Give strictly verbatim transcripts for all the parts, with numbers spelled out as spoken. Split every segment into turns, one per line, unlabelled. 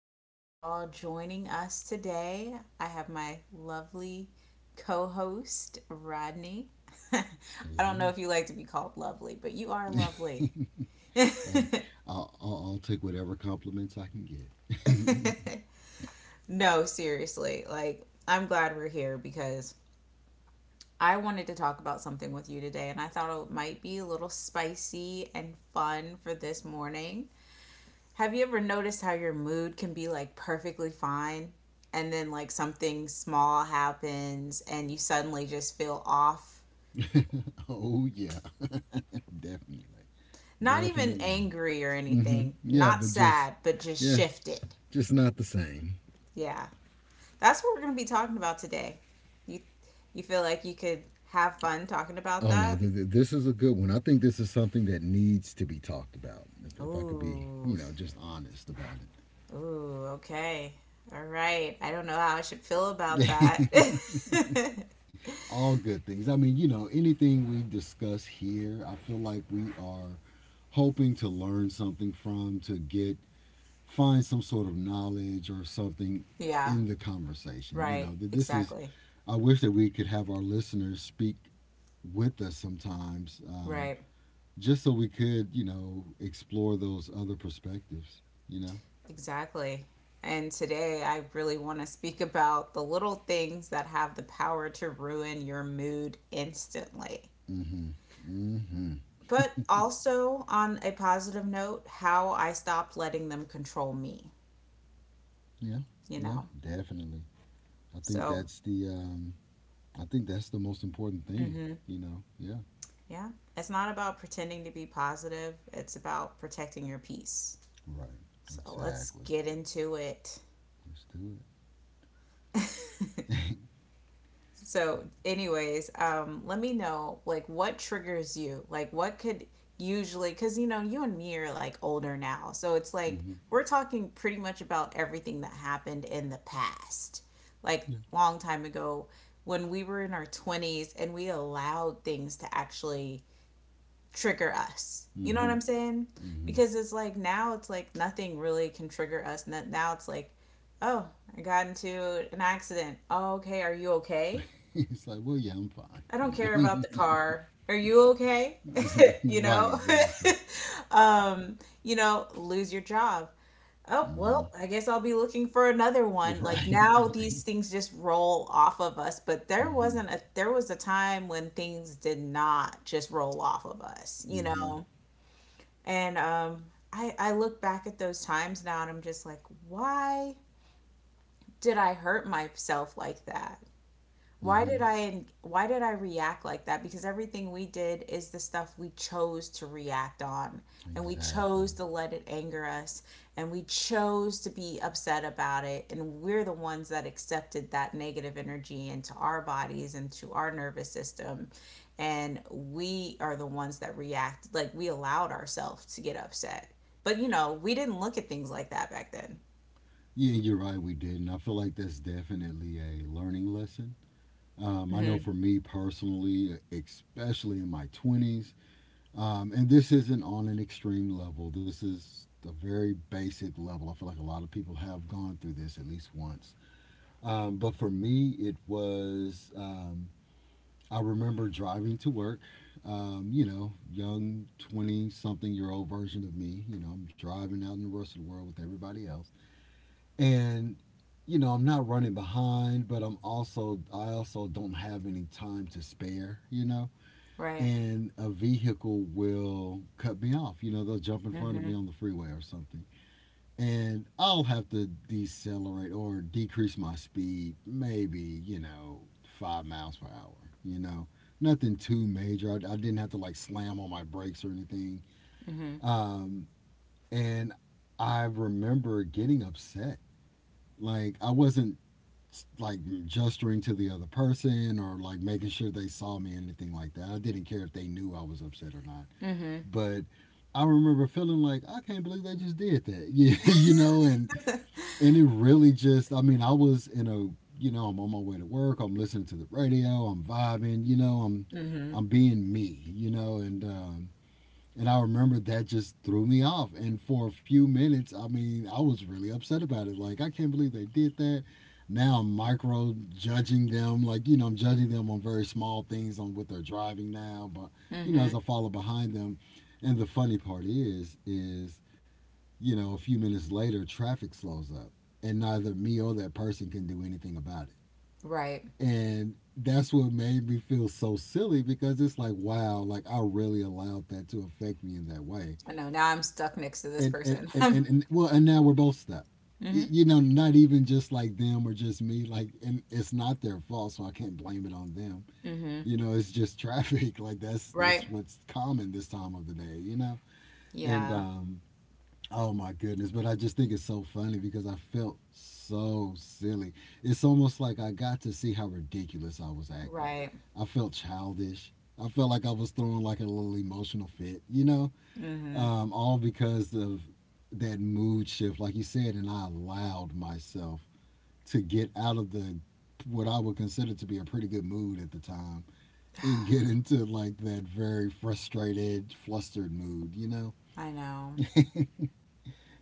Thank you for all joining us today. I have my lovely co host, Rodney. I
Hey,
don't
hey,
know if you like to be called lovely, but you are lovely.
hey! I'll, I'll, I'll take whatever compliments I can get.
no, seriously. Like, I'm glad we're here because I wanted to talk about something with you today, and I thought it might be a little spicy and fun for this morning. Have you ever noticed how your mood can be like perfectly fine and then like something small happens and you suddenly just feel off?
Oh yeah, definitely,
Not even
definitely.
angry or
Mm-hmm.
anything,
Yeah,
not
but just,
sad, but just
yeah,
shifted.
just not the same.
Yeah. That's what we're going to be talking about today. You you feel like you could have fun talking about
Oh no,
that?
th- th- this is a good one. I think this is something that needs to be talked about. If, if I could be,
Ooh.
you know, just honest about
Ooh, okay. All right. I don't know how I should feel about that.
it. All good things. I mean, you know, anything we discuss here, I feel like we are hoping to learn something from to get find some sort of knowledge or something
yeah,
in the conversation. You
right.
know, that this is,
Exactly.
I wish that we could have our listeners speak with us sometimes um,
Right.
just so we could, you know, explore those other perspectives, you know?
Exactly. And today I really want to speak about the little things that have the power to ruin your mood instantly.
Mm hmm. Mm hmm.
But also, on a positive note, how I stopped letting them control me,
Yeah.
you
Yeah.
know?
Definitely. I think
So,
that's the, um, I think that's the most important thing,
mhm,
you know? Yeah.
yeah, it's not about pretending to be positive, it's about protecting your peace.
Right.
So, let's
Exactly.
get into it.
Let's do it.
So, anyways, um, let me know like what triggers you. Like, what could usually, because you know, you and me are like older now. So it's
Mm
like
hmm.
we're talking pretty much about everything that happened in the past, like
Yeah.
long time ago when we were in our twenties and we allowed things to actually trigger us. You
Mm
know what
hmm.
I'm saying?
Mm hmm.
Because it's like now it's like nothing really can trigger us. N- Now it's like, oh, I got into an accident. Oh, okay. Are you okay?
It's like, well, yeah, I'm fine,
I don't
you
care about
know?
the car. Are you okay? You
Right,
know?
exactly.
um, you know, lose your job. Oh,
Hmm.
well, I guess I'll be looking for another one. Like
Right,
now
right.
these things just roll off of us, but there
Hmm.
wasn't a there was a time when things did not just roll off of us, you
Hmm.
know? And um I I look back at those times now and I'm just like, why did I hurt myself like that? Why did
Hmm.
I why did I react like that? Because everything we did is the stuff we chose to react on and we
Exactly.
chose to let it anger us and we chose to be upset about it and we're the ones that accepted that negative energy into our bodies and to our nervous system and we are the ones that react like we allowed ourselves to get upset. But you know, we didn't look at things like that back then.
Yeah, you're right. We didn't. I feel like that's definitely a learning lesson. Um, I know
Mhm.
for me personally, especially in my twenties, um, and this isn't on an extreme level. This is a very basic level. I feel like a lot of people have gone through this at least once. Um, but for me, it was. Um, I remember driving to work, um, you know, young twenty something year old version of me. You know, I'm driving out in the rest of the world with everybody else. And, you know, I'm not running behind, but I'm also, I also don't have any time to spare, you know.
Right.
And a vehicle will cut me off. You know, they'll jump in front of me
Mhm.
on the freeway or something, and I'll have to decelerate or decrease my speed, maybe, you know, five miles per hour, you know, nothing too major. I, I didn't have to like slam on my brakes or anything.
Mhm.
Um, and I remember getting upset. Like, I wasn't like gesturing to the other person or like making sure they saw me, anything like that. I didn't care if they knew I was upset or not.
Mhm.
But I remember feeling like I can't believe they just did that. Yeah, you know, and and it really just, I mean, I was in a, you know, I'm on my way to work, I'm listening to the radio, I'm vibing, you know i'm
Mhm.
i'm being me, you know and um and I remember that just threw me off, and for a few minutes, I mean, I was really upset about it, like I can't believe they did that. Now I'm micro judging them, like, you know I'm judging them on very small things, on what they're driving now. But, you know, as
Mhm.
I follow behind them, and the funny part is is, you know, a few minutes later, traffic slows up, and neither me or that person can do anything about it.
Right.
And that's what made me feel so silly, because it's like, wow, like I really allowed that to affect me in that way.
I know. Now I'm stuck next to this
And and
person.
and and, and well, and now we're both stuck.
hmm
You know, not even just like them or just me. Like, and it's not their fault, so I can't blame it on them.
hmm
You know, it's just traffic. Like, that's that's
Right.
what's common this time of the day. You know, and
Yeah.
um, oh my goodness. But I just think it's so funny because I felt so silly. It's almost like I got to see how ridiculous I was acting.
Right.
I felt childish. I felt like I was throwing like a little emotional fit, you know?
hmm
Um, all because of that mood shift, like you said, and I allowed myself to get out of the what I would consider to be a pretty good mood at the time, and get into like that very frustrated, flustered mood, you know?
I know.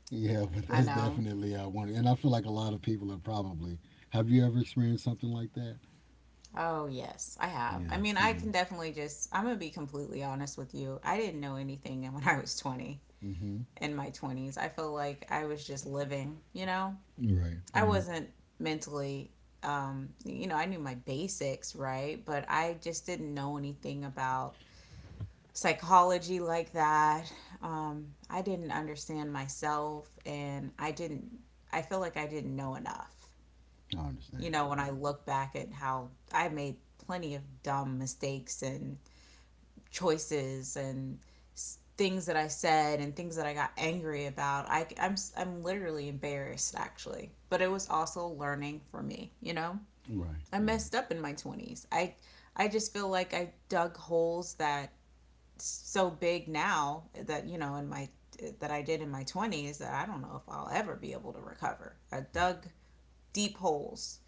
Yeah, but
I
that's
know.
definitely uh, one. And I feel like a lot of people are probably. Have you ever experienced something like that?
Oh, yes, I have. I
Yeah.
mean, I
Yeah.
can definitely just, I'm going to be completely honest with you. I didn't know anything when I was twenty,
Mm-hmm.
in my twenties. I feel like I was just living, you know?
Right.
I
Right.
wasn't mentally, um, you know, I knew my basics, right? But I just didn't know anything about psychology like that. Um, I didn't understand myself, and I didn't, I feel like I didn't know enough.
I
You
understand.
know, when I
Yeah.
look back at how I made plenty of dumb mistakes and choices and s- things that I said and things that I got angry about, I, am I'm s- I'm literally embarrassed actually. But it was also learning for me, you know?
Right.
I
Right.
messed up in my twenties. I, I just feel like I dug holes that so big now that you know in my that I did in my twenties that I don't know if I'll ever be able to recover. I dug deep holes,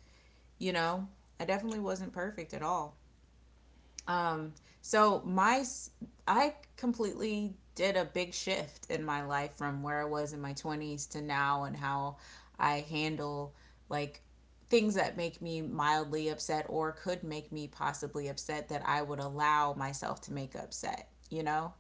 you know. I definitely wasn't perfect at all. Um so my I completely did a big shift in my life from where I was in my twenties to now and how I handle like things that make me mildly upset or could make me possibly upset that I would allow myself to make upset, you know?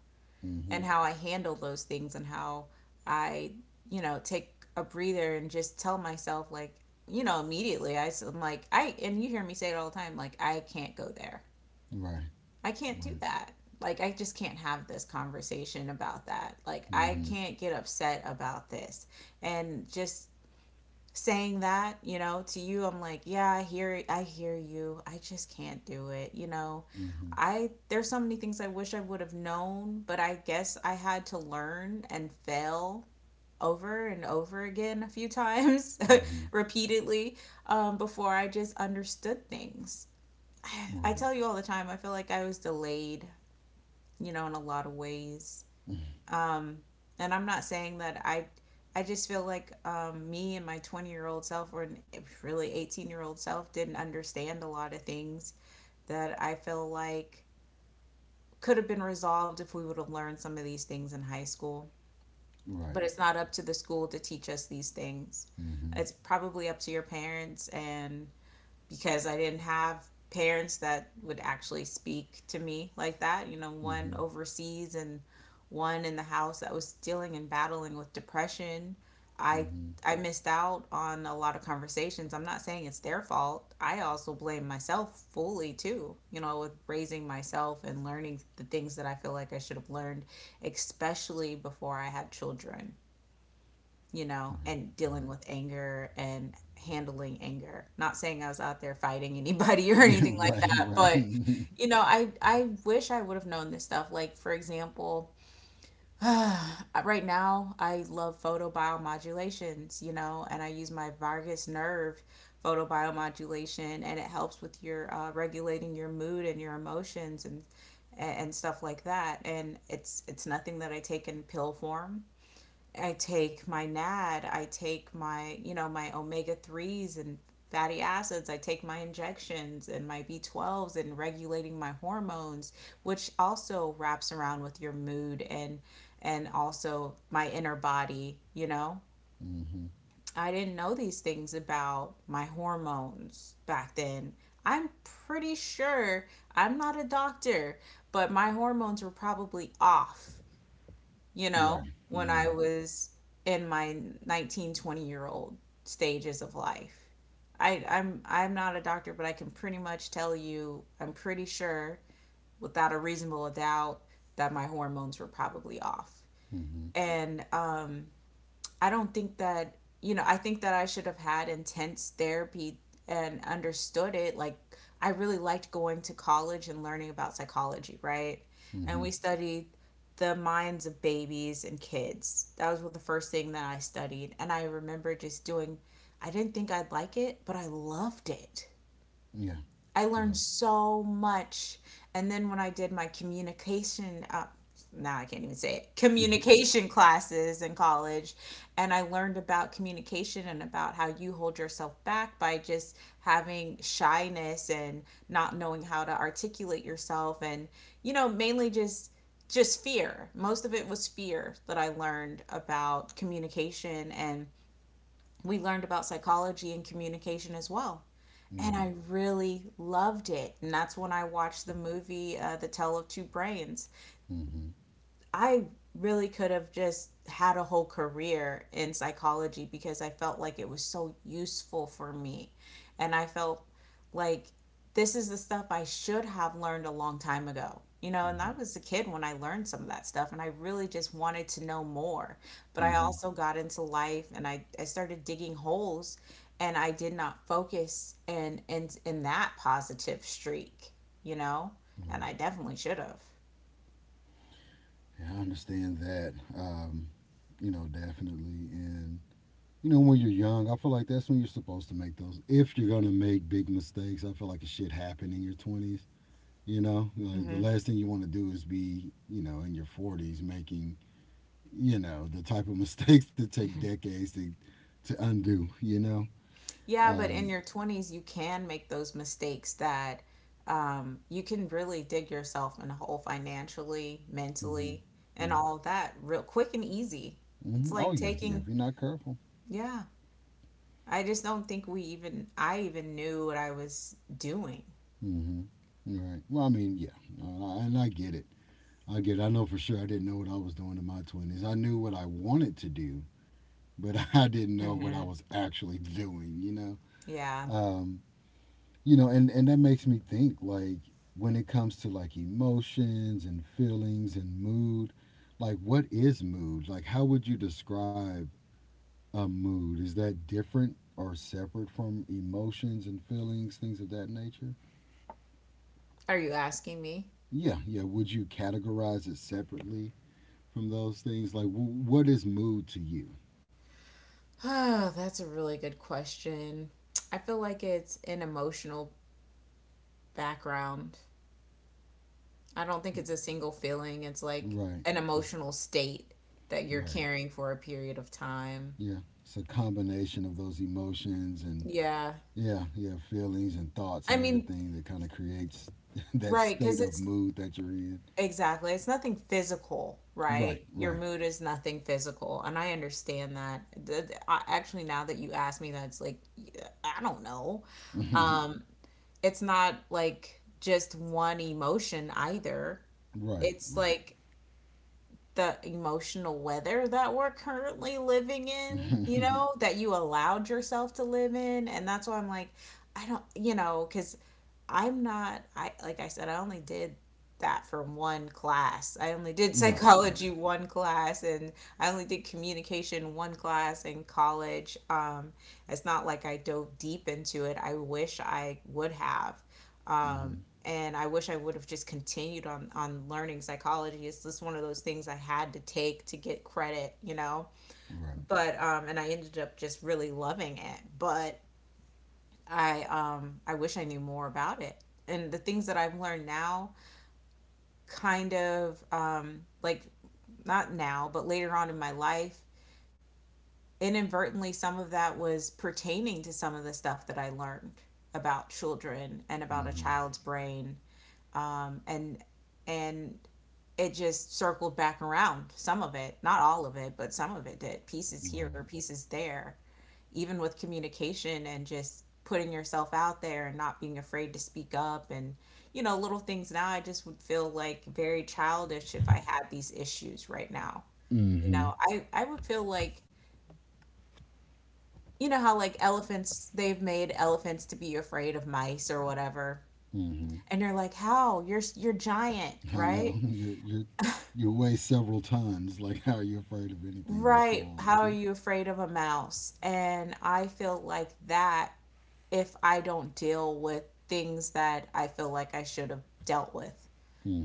Mm-hmm.
And how I handle those things and how I, you know, take a breather and just tell myself like, you know, immediately I, am like I and you hear me say it all the time like I can't go there.
Right.
I can't do
Right.
that. Like I just can't have this conversation about that. Like I
Mm-hmm.
can't get upset about this and just saying that, you know, to you, I'm like, yeah, I hear, I hear you. I just can't do it. You know,
Mm-hmm.
I there's so many things I wish I would have known, but I guess I had to learn and fail over and over again a few times,
Mm-hmm.
repeatedly, um, before I just understood things. I
Right.
tell you all the time, I feel like I was delayed, you know, in a lot of ways um, and I'm not saying that I, I just feel like um, me and my twenty year old self, or really eighteen year old self, didn't understand a lot of things that I feel like could have been resolved if we would have learned some of these things in high school.
Right.
But it's not up to the school to teach us these things.
Mm-hmm.
It's probably up to your parents and because I didn't have parents that would actually speak to me like that. You know, one
Mm-hmm.
overseas and one in the house that was dealing and battling with depression. I
Mm-hmm.
I missed out on a lot of conversations. I'm not saying it's their fault. I also blame myself fully too, you know, with raising myself and learning the things that I feel like I should have learned, especially before I had children, you know, and dealing with anger and handling anger. Not saying I was out there fighting anybody or anything like
Right.
that,
Right.
but you know, I I wish I would have known this stuff. Like for example, right now I love photobiomodulations, you know, and I use my vagus nerve photobiomodulation, and it helps with your uh, regulating your mood and your emotions and and stuff like that, and it's it's nothing that I take in pill form. I take my N A D, I take my, you know, my omega threes and fatty acids, I take my injections and my B twelves and regulating my hormones, which also wraps around with your mood and and also my inner body, you know.
Mm-hmm.
I didn't know these things about my hormones back then. I'm pretty sure, I'm not a doctor, but my hormones were probably off, you know,
Right.
when I
Right.
was in my nineteen twenty year old stages of life. I, I'm I'm not a doctor, but I can pretty much tell you, I'm pretty sure without a reasonable doubt that my hormones were probably off.
Mm-hmm.
And um, I don't think that, you know, I think that I should have had intense therapy and understood it. Like, I really liked going to college and learning about psychology, right? And
Mm-hmm.
we studied the minds of babies and kids. That was the first thing that I studied. And I remember just doing, I didn't think I'd like it, but I loved it.
Yeah.
I learned
Yeah.
so much. And then when I did my communication, uh, now I can't even say it,
Mm-hmm.
communication classes in college, and I learned about communication and about how you hold yourself back by just having shyness and not knowing how to articulate yourself, and you know, mainly just just fear. Most of it was fear that I learned about communication, and we learned about psychology and communication as well, and
Right.
I really loved it. And that's when I watched the movie uh, The Tale of Two Brains.
Mm-hmm.
I really could have just had a whole career in psychology because I felt like it was so useful for me. And I felt like this is the stuff I should have learned a long time ago. You know, and I
Right.
was a kid when I learned some of that stuff, and I really just wanted to know more. But I
Mm-hmm.
also got into life, and I, I started digging holes, and I did not focus in, in, in that positive streak, you know, and
Right.
I definitely should have.
Yeah, I understand that. Um, you know, definitely. And, you know, when you're young, I feel like that's when you're supposed to make those. If you're gonna make big mistakes, I feel like it should happen in your twenties. You know, like the last thing you want to do is be, you know, in your forties making, you know, the type of mistakes that take decades to to undo. You know.
Yeah, but in
Um,
your twenties, you can make those mistakes that um, you can really dig yourself in a hole financially,
hmm.
mentally, and
Yeah.
all of that real quick and easy. It's
Hmm. Oh
like
yeah, yeah. If
taking,
you're not careful.
yeah, I just don't think we even, I even knew what I was doing.
Hmm. Right. Well, I mean, yeah. No, and I, and I get it. I get it. I know for sure. I didn't know what I was doing in my twenties. I knew what I wanted to do, but I didn't know what
Mm-hmm.
I was actually doing. You know.
Yeah.
Um, you know, and and that makes me think, like, when it comes to like emotions and feelings and mood, like what is mood? Like, how would you describe a mood? Is that different or separate from emotions and feelings, things of that nature?
Are you asking me?
Yeah, yeah. Would you categorize it separately from those things? Like, w- what is mood to you?
Oh, that's a really good question. I feel like it's an emotional background. I don't think it's a single feeling. It's like
Right.
an
It's,
emotional state that you're
right.
carrying for a period of time.
Yeah. It's a combination of those emotions and,
Yeah.
yeah, yeah, feelings and thoughts and
I mean,
everything that kind of creates that
right,
state
because
of
it's
mood that you're in.
exactly, it's nothing physical,
Right.
right? Your
Right.
mood is nothing physical. And I understand that. The, the- I, actually, now that you ask me that, it's like, yeah, I don't know.
right.
Um, it's not like just one emotion either.
Right.
It's like the emotional weather that we're currently living in, you know, that you allowed yourself to live in. And that's why I'm like, I don't, you know, because I'm not, I, like I said, I only did that for one class. I only did
Right. Right.
psychology one class, and I only did communication one class in college. Um it's not like I dove deep into it. I wish I would have. Um
Hmm.
and I wish I would have just continued on on learning psychology. It's just one of those things I had to take to get credit, you know.
Right.
But um and I ended up just really loving it. But I um I wish I knew more about it. And the things that I've learned now kind of um like, not now, but later on in my life, inadvertently some of that was pertaining to some of the stuff that I learned about children and about a
Hmm.
child's brain. Um and and it just circled back around, some of it, not all of it, but some of it did, pieces
Right.
here, pieces there, even with communication and just putting yourself out there and not being afraid to speak up, and you know little things. Now I just would feel like very childish if I had these issues right now you
Hmm.
know i i would feel like, you know how like elephants, they've made elephants to be afraid of mice or whatever,
Hmm.
and you're like, how? You're you're giant,
I know.
right?
you're you're you weigh several tons. Like, how are you afraid of anything that
Right.
small?
How are you afraid of a mouse? And I feel like that, if I don't deal with things that I feel like I should have dealt with.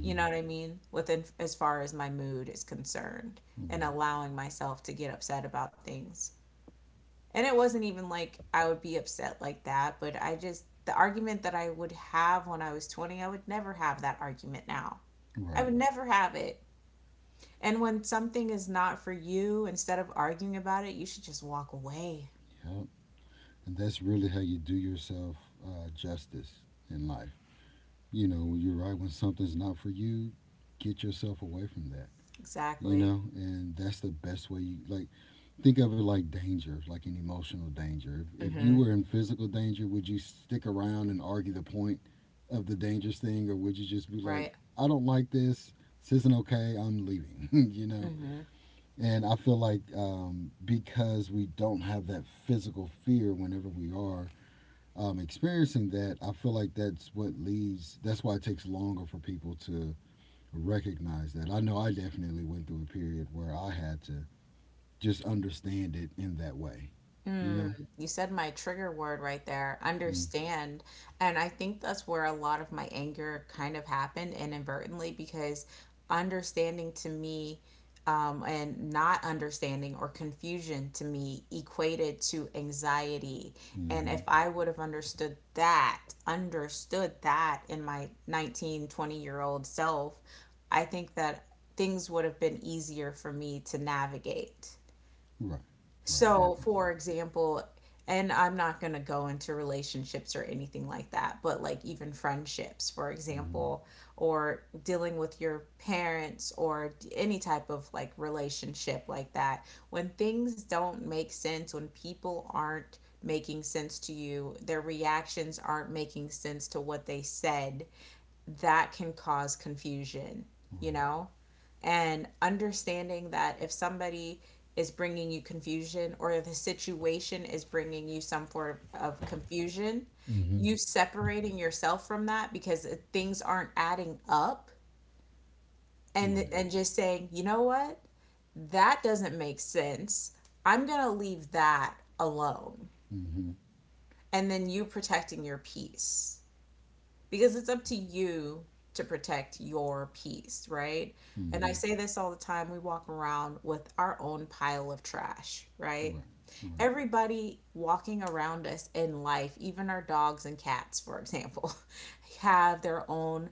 You know what I mean? Within, as far as my mood is concerned, and
Right.
allowing myself to get upset about things. And it wasn't even like I would be upset like that, but I just, the argument that I would have when I was twenty, I would never have that argument now. I
Right.
would never have it. And when something is not for you, instead of arguing about it, you should just walk away.
Yep. And that's really how you do yourself uh, justice in life. You know, you're right, when something's not for you, get yourself away from that. You
Exactly.
know, and that's the best way. You like, think of it like danger, like an emotional danger. If, if you
Hmm.
were in physical danger, would you stick around and argue the point of the dangerous thing, or would you just be like,
Right.
I don't like this, this isn't okay, I'm leaving, you know? And I feel like um, because we don't have that physical fear whenever we are um, experiencing that, I feel like that's what leads. That's why it takes longer for people to recognize that. I know I definitely went through a period where I had to just understand it in that way. You
Mm,
know.
you said my trigger word right there,
Mm.
understand. And I think that's where a lot of my anger kind of happened, inadvertently, because understanding to me, um, and not understanding, or confusion, to me equated to anxiety. And if
Mm-hmm.
I would have understood that, understood that in my nineteen, twenty year old self, I think that things would have been easier for me to navigate.
Right. Right.
So,
Definitely.
for example, and I'm not going to go into relationships or anything like that, but like even friendships, for
Mm-hmm.
example, or dealing with your parents, or d- any type of like relationship like that. When things don't make sense, when people aren't making sense to you, their reactions aren't making sense to what they said, that can cause confusion, you
Right.
know? And understanding that if somebody is bringing you confusion, or the situation is bringing you some form of confusion,
Mm-hmm.
you separating yourself from that, because it- things aren't adding up, and
Right.
and just saying, "You know what? That doesn't make sense. I'm going to leave that alone."
Mm-hmm.
And then you protecting your peace. Because it's up to you to protect your peace, right? And I
Mm-hmm.
say this all the time, we walk around with our own pile of trash, right?
Right. Right.
Everybody walking around us in life, even our dogs and cats, for example, have their own,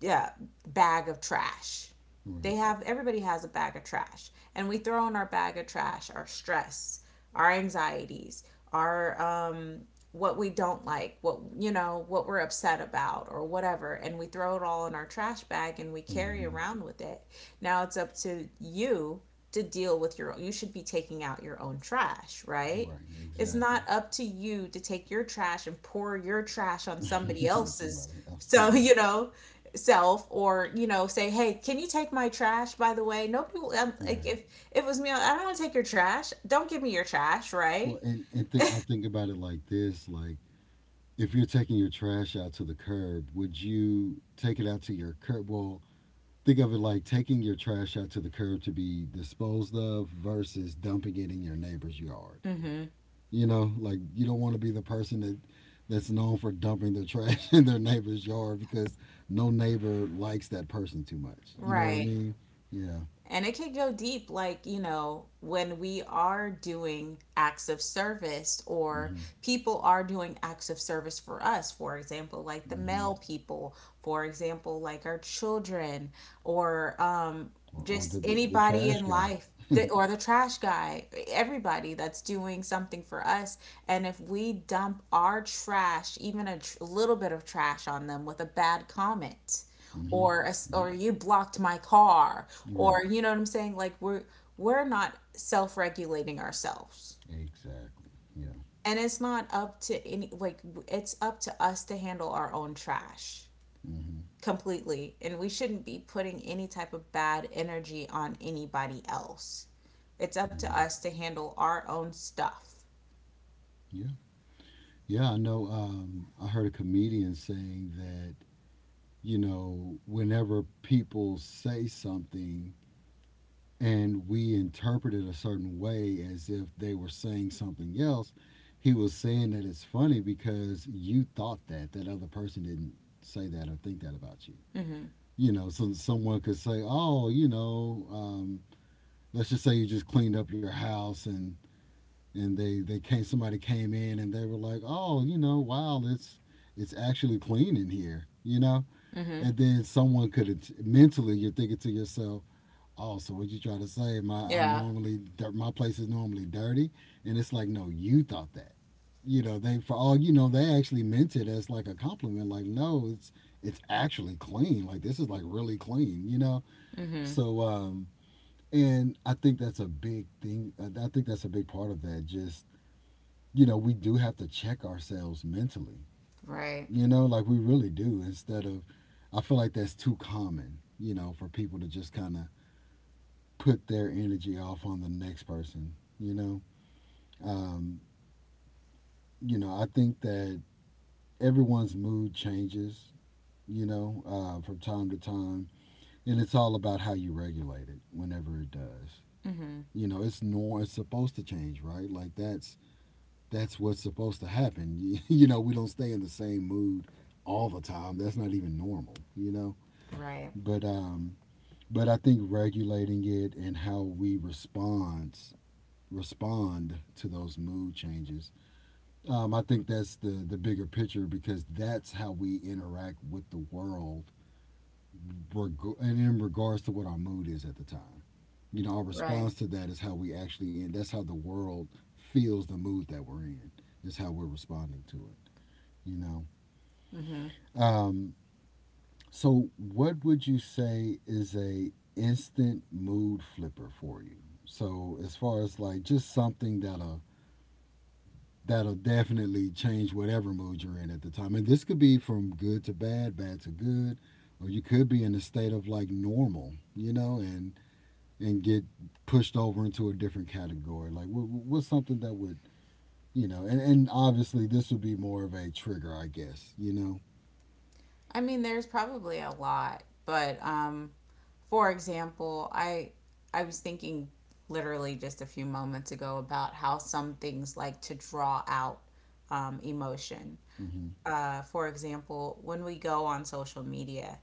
yeah, bag of trash.
Right.
They have, everybody has a bag of trash, and we throw in our bag of trash our stress, our anxieties, our um, what we don't like, what, you know, what we're upset about, or whatever, and we throw it all in our trash bag and we carry
Mm-hmm.
around with it. Now it's up to you to deal with your own. You should be taking out your own trash, right?
Right.
It's not
Exactly.
up to you to take your trash and pour your trash on somebody
or
else's,
somebody else.
so
Yeah.
you know, self, or you know, say, hey, can you take my trash, by the way? Nobody will. I'm, like,
Right.
if, if it was me, I don't want to take your trash. Don't give me your trash, right.
Well, and and think I think about it like this. Like, if you're taking your trash out to the curb, would you take it out to your curb? Well, think of it like taking your trash out to the curb to be disposed of, versus dumping it in your neighbor's yard.
Mm-hmm.
You know, like you don't want to be the person that that's known for dumping their trash in their neighbor's yard, because no neighbor likes that person too much. You know what I
Right.
mean? Yeah.
And it can go deep, like, you know, when we are doing acts of service, or
Mhm.
people are doing acts of service for us, for example, like the
Mhm.
male people, for example, like our children, or um,
Or, or
just
the, the the
anybody
trash
in
guy.
life. the- Or the trash guy, everybody that's doing something for us. And if we dump our trash, even a tr- little bit of trash on them with a bad comment,
Mhm.
or a s
Yep.
or you blocked my car, or
Right.
you know what I'm saying, like, we're we're not self-regulating ourselves,
Exactly. Yeah.
and it's not up to any, like w- it's up to us to handle our own trash
Mhm.
completely, and we shouldn't be putting any type of bad energy on anybody else. It's up to
Mhm.
us to handle our own stuff.
Yeah. Yeah, I know. Um, I heard a comedian saying that, you know, whenever people say something and we interpret it a certain way as if they were saying something else, he was saying that it's funny because you thought that, that other person didn't say that or think that about you.
Mm-hmm.
You know, so someone could say, oh, you know, um, let's just say you just cleaned up your house, and and they they came somebody came in, and they were like, oh, you know wow, it's it's actually clean in here you know
Mm-hmm.
And then someone could mentally, you're thinking to yourself, oh, so what you trying to say, my i'm
Yeah.
normally my place is normally dirty. And it's like, no, you thought that. You know, they, for all you know, they actually meant it as like a compliment, like, no, it's it's actually clean, like this is like really clean, you know?
Mm-hmm.
So um and I think that's a big thing, uh, I think that's a big part of that. Just, you know, we do have to check ourselves mentally,
Right.
you know, like we really do. Instead of, I feel like that's too common, you know, for people to just kind of put their energy off on the next person, you know. Um, you know, I think that everyone's mood changes, you know, uh, from time to time, and it's all about how you regulate it whenever it does.
Mm-hmm.
You know, it's nor it's supposed to change, right? Like that's that's what's supposed to happen. You know, we don't stay in the same mood all the time. That's not even normal, you know.
Right.
But um but I think regulating it and how we respond respond to those mood changes. Um, I think that's the the bigger picture because that's how we interact with the world, reg- and in regards to what our mood is at the time. You know, our
Right.
response to that is how we actually, and that's how the world feels the mood that we're in. Is how we're responding to it. you know. Um, so what would you say is a instant mood flipper for you? So as far as like just something that'll that'll definitely change whatever mood you're in at the time. And this could be from good to bad, bad to good, or you could be in a state of like normal, you know, and and get pushed over into a different category. Like what, what's something that would, you know, and, and obviously this would be more of a trigger, I guess, you know.
I mean, there's probably a lot, but um, for example, I I was thinking literally just a few moments ago about how some things like to draw out um, emotion.
Mhm.
Uh, for example, when we go on social media,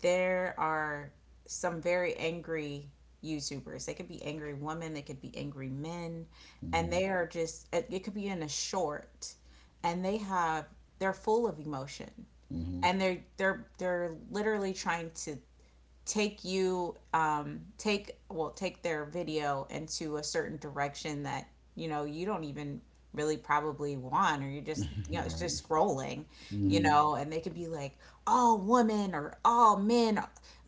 there are some very angry YouTubers. They could be angry women, they could be angry men, and
Mhm.
they are just, it, it could be in a short, and they have, they're full of emotion,
Mhm.
and they're they're they're literally trying to take you um take well take their video into a certain direction that, you know you don't even really probably want, or you're just, you know it's
Right.
just scrolling you
Mm-hmm.
know and they could be like, all women or all men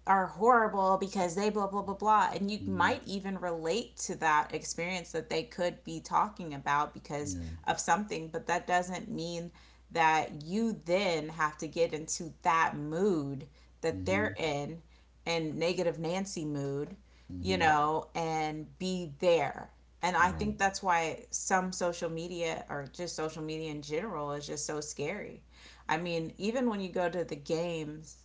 are horrible because they blah blah blah blah, and you might
Mm-hmm.
even relate to that experience that they could be talking about because
Yeah.
of something, but that doesn't mean that you then have to get into that mood that they're
Mm-hmm.
in, and negative Nancy mood, you
Mm-hmm.
know, and be there. And I
Right.
think that's why some social media, or just social media in general, is just so scary. I mean, even when you go to the games,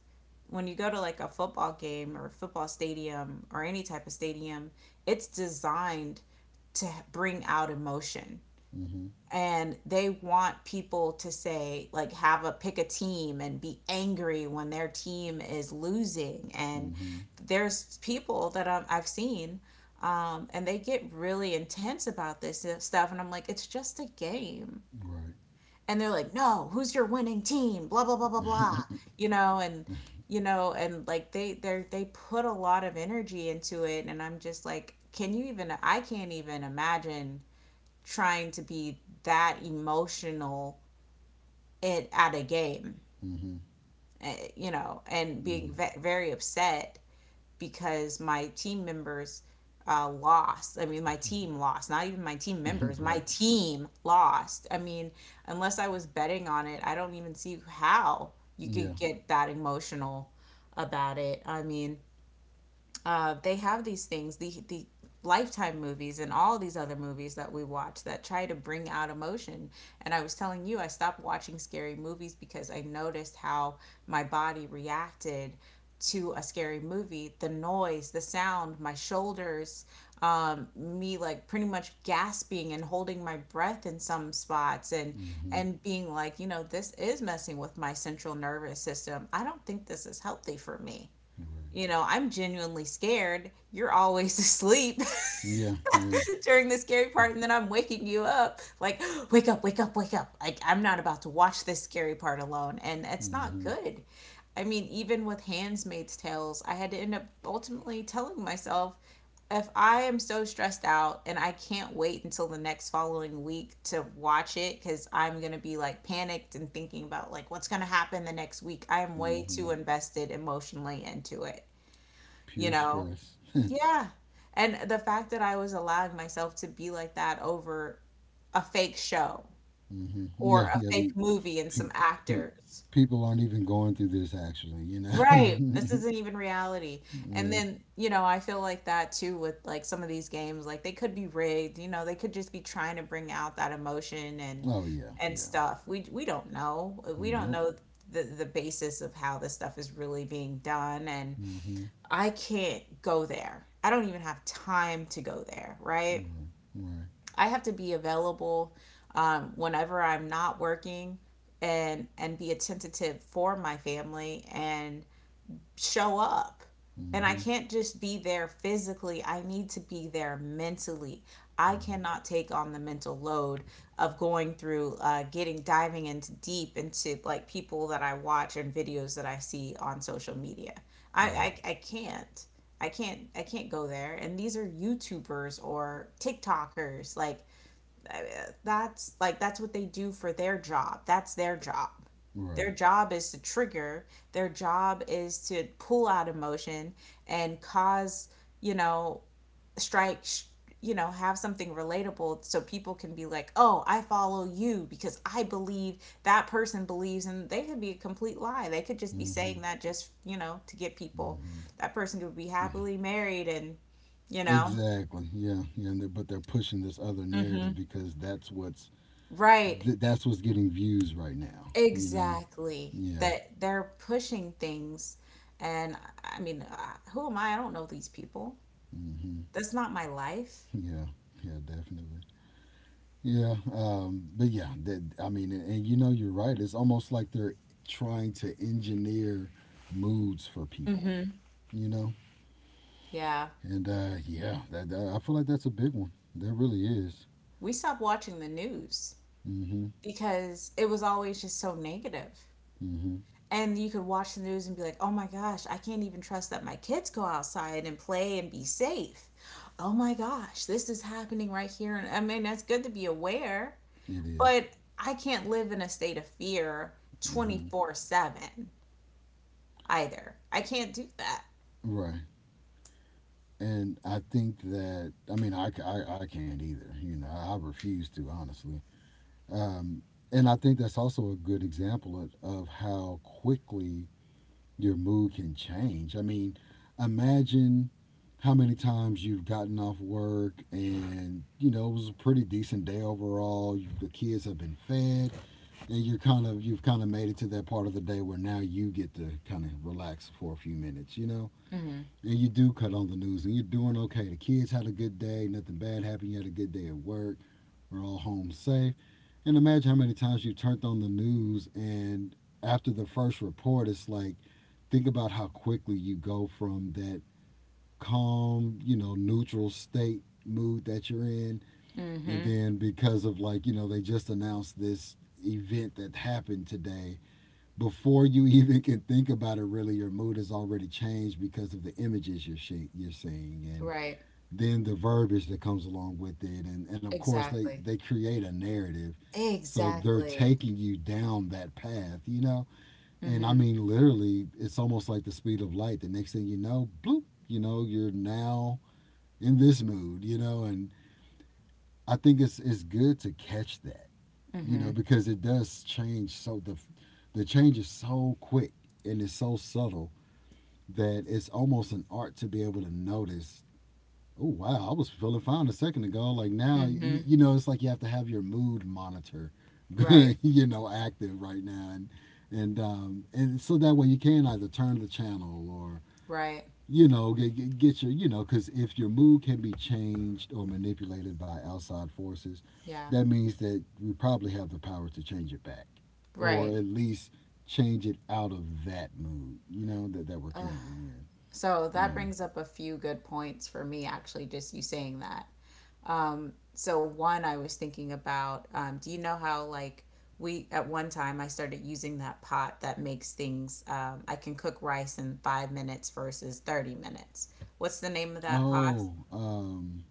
when you go to like a football game or a football stadium or any type of stadium, it's designed to bring out emotion,
Mm-hmm.
and they want people to, say, like, have a pick a team and be angry when their team is losing. And
Mm-hmm.
there's people that i I've seen, um, and they get really intense about this stuff, and I'm like, it's just a game.
Right.
And they're like, no, who's your winning team, blah blah blah blah blah, you know. And, you know and like, they they they put a lot of energy into it, and I'm just like, can you even I can't even imagine trying to be that emotional at at a game,
Mm-hmm.
uh, you know, and being
Yeah.
very upset because my team members, uh, lost. I mean, my team lost, not even my team members, my
Right.
team lost. I mean, unless I was betting on it, I don't even see how you
Yeah.
could get that emotional about it. I mean, uh, they have these things, the the lifetime movies and all these other movies that we watch that try to bring out emotion. And I was telling you, I stopped watching scary movies because I noticed how my body reacted to a scary movie, the noise, the sound, my shoulders, um, me like pretty much gasping and holding my breath in some spots, and
Mm-hmm.
and being like, you know this is messing with my central nervous system, I don't think this is healthy for me,
Right.
you know, I'm genuinely scared. You're always asleep
Yeah. Yeah.
during the scary part, and then I'm waking you up, like, wake up, wake up, wake up. Like, I'm not about to watch this scary part alone. And it's not
Mm-hmm.
good. I mean, even with *Handmaid's Tales, I had to end up ultimately telling myself, if I am so stressed out and I can't wait until the next following week to watch it because I'm going to be like panicked and thinking about like what's going to happen the next week, I am way
Mm-hmm.
too invested emotionally into it, you
Pure
know?
stress.
Yeah. And the fact that I was allowing myself to be like that over a fake show,
Mm-hmm.
or
Yeah.
a
Yeah. The
fake movie and
pe-
some
pe-
actors.
people aren't even going through this actually. You know.
Right. This isn't even reality. And
Yeah.
then, you know, I feel like that too with like some of these games. Like, they could be rigged, you know, they could just be trying to bring out that emotion and
Oh yeah.
and
Yeah.
stuff. We we don't know. We
We
don't
don't.
know the the basis of how this stuff is really being done. And
Mm-hmm.
I can't go there. I don't even have time to go there, right?
Right. Right.
I have to be available um, whenever I'm not working and and be attentive for my family and show up. And I
Mm-hmm.
can't just be there physically. I need to be there mentally. I
Right.
cannot take on the mental load of going through, uh, getting diving into deep into like people that I watch and videos that I see on social media. I,
Right.
I, I can't. I can't I can't go there. And these are YouTubers or TikTokers. Like I mean, that's like that's what they do for their job. That's their job. Their
Right.
job is to trigger. Their job is to pull out emotion and cause, you know, strike, sh- you know, have something relatable so people can be like, "Oh, I follow you because I believe that person believes." And they could be a complete lie. They could just be
Mm-hmm.
saying that just, you know, to get people.
Mm-hmm.
That person could be happily married and, you know,
Exactly. Yeah. Yeah. And they're, but they're pushing this other narrative
mhm.
because that's what's
Right.
th- that's what's getting views right now. You know.
Exactly.
Yeah.
That they're pushing things. And I mean, uh, who am I? I don't know these people.
Hmm.
That's not my life.
Yeah. Yeah. Definitely. Yeah. Um. But yeah. That. I mean. And, and you know. You're right. It's almost like they're trying to engineer moods for people.
Mm-hmm.
You know.
Yeah.
And uh, yeah. That, that- I feel like that's a big one. That really is.
We stopped watching the news
Mm-hmm.
because it was always just so negative.
Mm-hmm.
And you could watch the news and be like, oh my gosh, I can't even trust that my kids go outside and play and be safe. Oh my gosh, this is happening right here. And I mean, that's good to be aware,
It is.
but I can't live in a state of fear
Mm-hmm.
twenty four seven either. I can't do that.
Right. And I think that I mean I, I, I can't either. You know, I refuse to honestly. Um, and I think that's also a good example of, of how quickly your mood can change. I mean, imagine how many times you've gotten off work and you know it was a pretty decent day overall you, the kids have been fed, and you're kind of you've kind of made it to that part of the day where now you get to kind of relax for a few minutes you know And you do cut on the news and you're doing okay. The kids had a good day, nothing bad happened. You had a good day at work. We're all home safe. And imagine how many times you turned on the news and after the first report, it's like, think about how quickly you go from that calm, you know, neutral state mood that you're in. And
Mm-hmm.
then because of like, you know, they just announced this event that happened today before you even can think about it, really your mood has already changed because of the images you're she- you're seeing, and
Right.
then the verbiage that comes along with it, and and of course they
Exactly.
they create a narrative, so they're
Exactly.
taking you down that path you know And I
Mm-hmm.
mean, literally, it's almost like the speed of light. The next thing you know, bloop you know you're now in this mood you know and I think it's it's good to catch that you
Mm-hmm.
know, because it does change, so the the change is so quick and it's so subtle that it's almost an art to be able to notice. Oh wow, I was feeling fine a second ago. Like now,
Mm-hmm.
you, you know, it's like you have to have your mood monitor,
Right.
you know, active right now, and and um, and so that way you can either turn the channel or
Right.
you know get, get your you know because if your mood can be changed or manipulated by outside forces,
Yeah.
that means that we probably have the power to change it back, or
Right.
at least change it out of that mood you know that, that we're currently in.
So that
Yeah.
brings up a few good points for me, actually, just you saying that. Um, so one I was thinking about, um, do you know how like we at one time I started using that pot that makes things um, I can cook rice in five minutes versus thirty minutes. What's the name of that pot?
oh um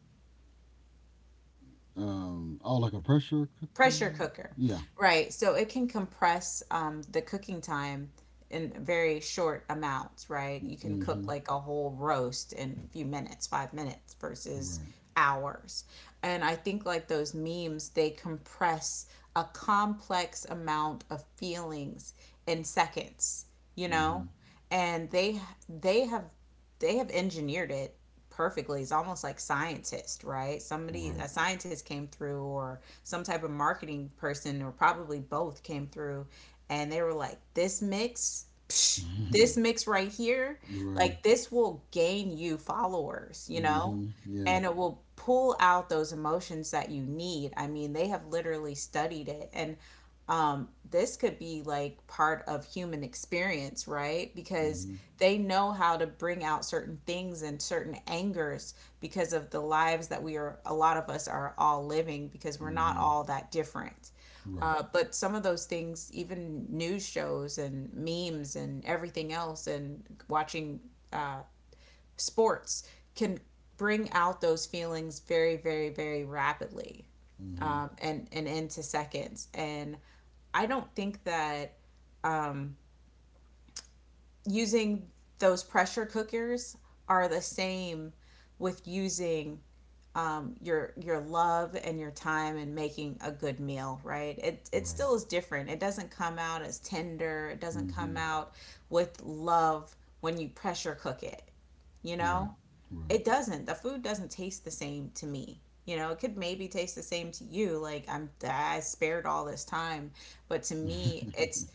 um oh, like a pressure cooker.
Pressure cooker,
Yeah.
right? So it can compress um, the cooking time in very short amounts. Right, you can cook
Mm-hmm.
like a whole roast in a few minutes, five minutes versus
Right.
hours. And I think like those memes, they compress a complex amount of feelings in seconds, you know?
Mm-hmm.
And they they have they have engineered it perfectly. It's almost like scientist, right? Somebody a
Right.
scientist came through, or some type of marketing person, or probably both came through and they were like, this mix, psh,
Mm-hmm.
this mix right here,
Right.
like this will gain you followers, you know?
Mm-hmm. Yeah.
And it will pull out those emotions that you need. I mean, they have literally studied it. And um, this could be like part of human experience, right? Because
Mm-hmm.
they know how to bring out certain things and certain angers because of the lives that we are, a lot of us are all living, because we're not
Mm-hmm.
all that different.
Right.
Uh, but some of those things, even news shows and memes and everything else, and watching uh, sports can bring out those feelings very, very, very rapidly,
Mm-hmm.
um, and, and into seconds. And I don't think that using those pressure cookers are the same with using um, your your love and your time in making a good meal, right? It it
Right.
still is different. It doesn't come out as tender. It doesn't come
Mm-hmm.
out with love when you pressure cook it. You know,
Right. Right.
it doesn't. The food doesn't taste the same to me. You know, it could maybe taste the same to you. Like I'm, I spared all this time, but to me, it's,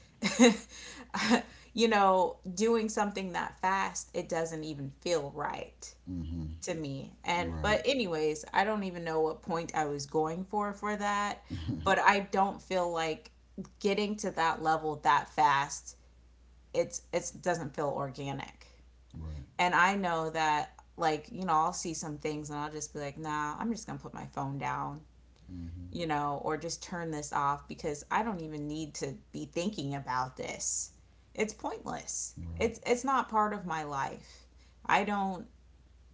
you know, doing something that fast. It doesn't even feel right
Mm-hmm.
to me. And
Right.
but anyways, I don't even know what point I was going for for that, but I don't feel like getting to that level that fast. It's it's doesn't feel organic.
Right.
And I know that like, you know, I'll see some things and I'll just be like, "Nah, I'm just going to put my phone down."
Mm-hmm.
You know, or just turn this off because I don't even need to be thinking about this. It's pointless.
Right.
It's it's not part of my life. I don't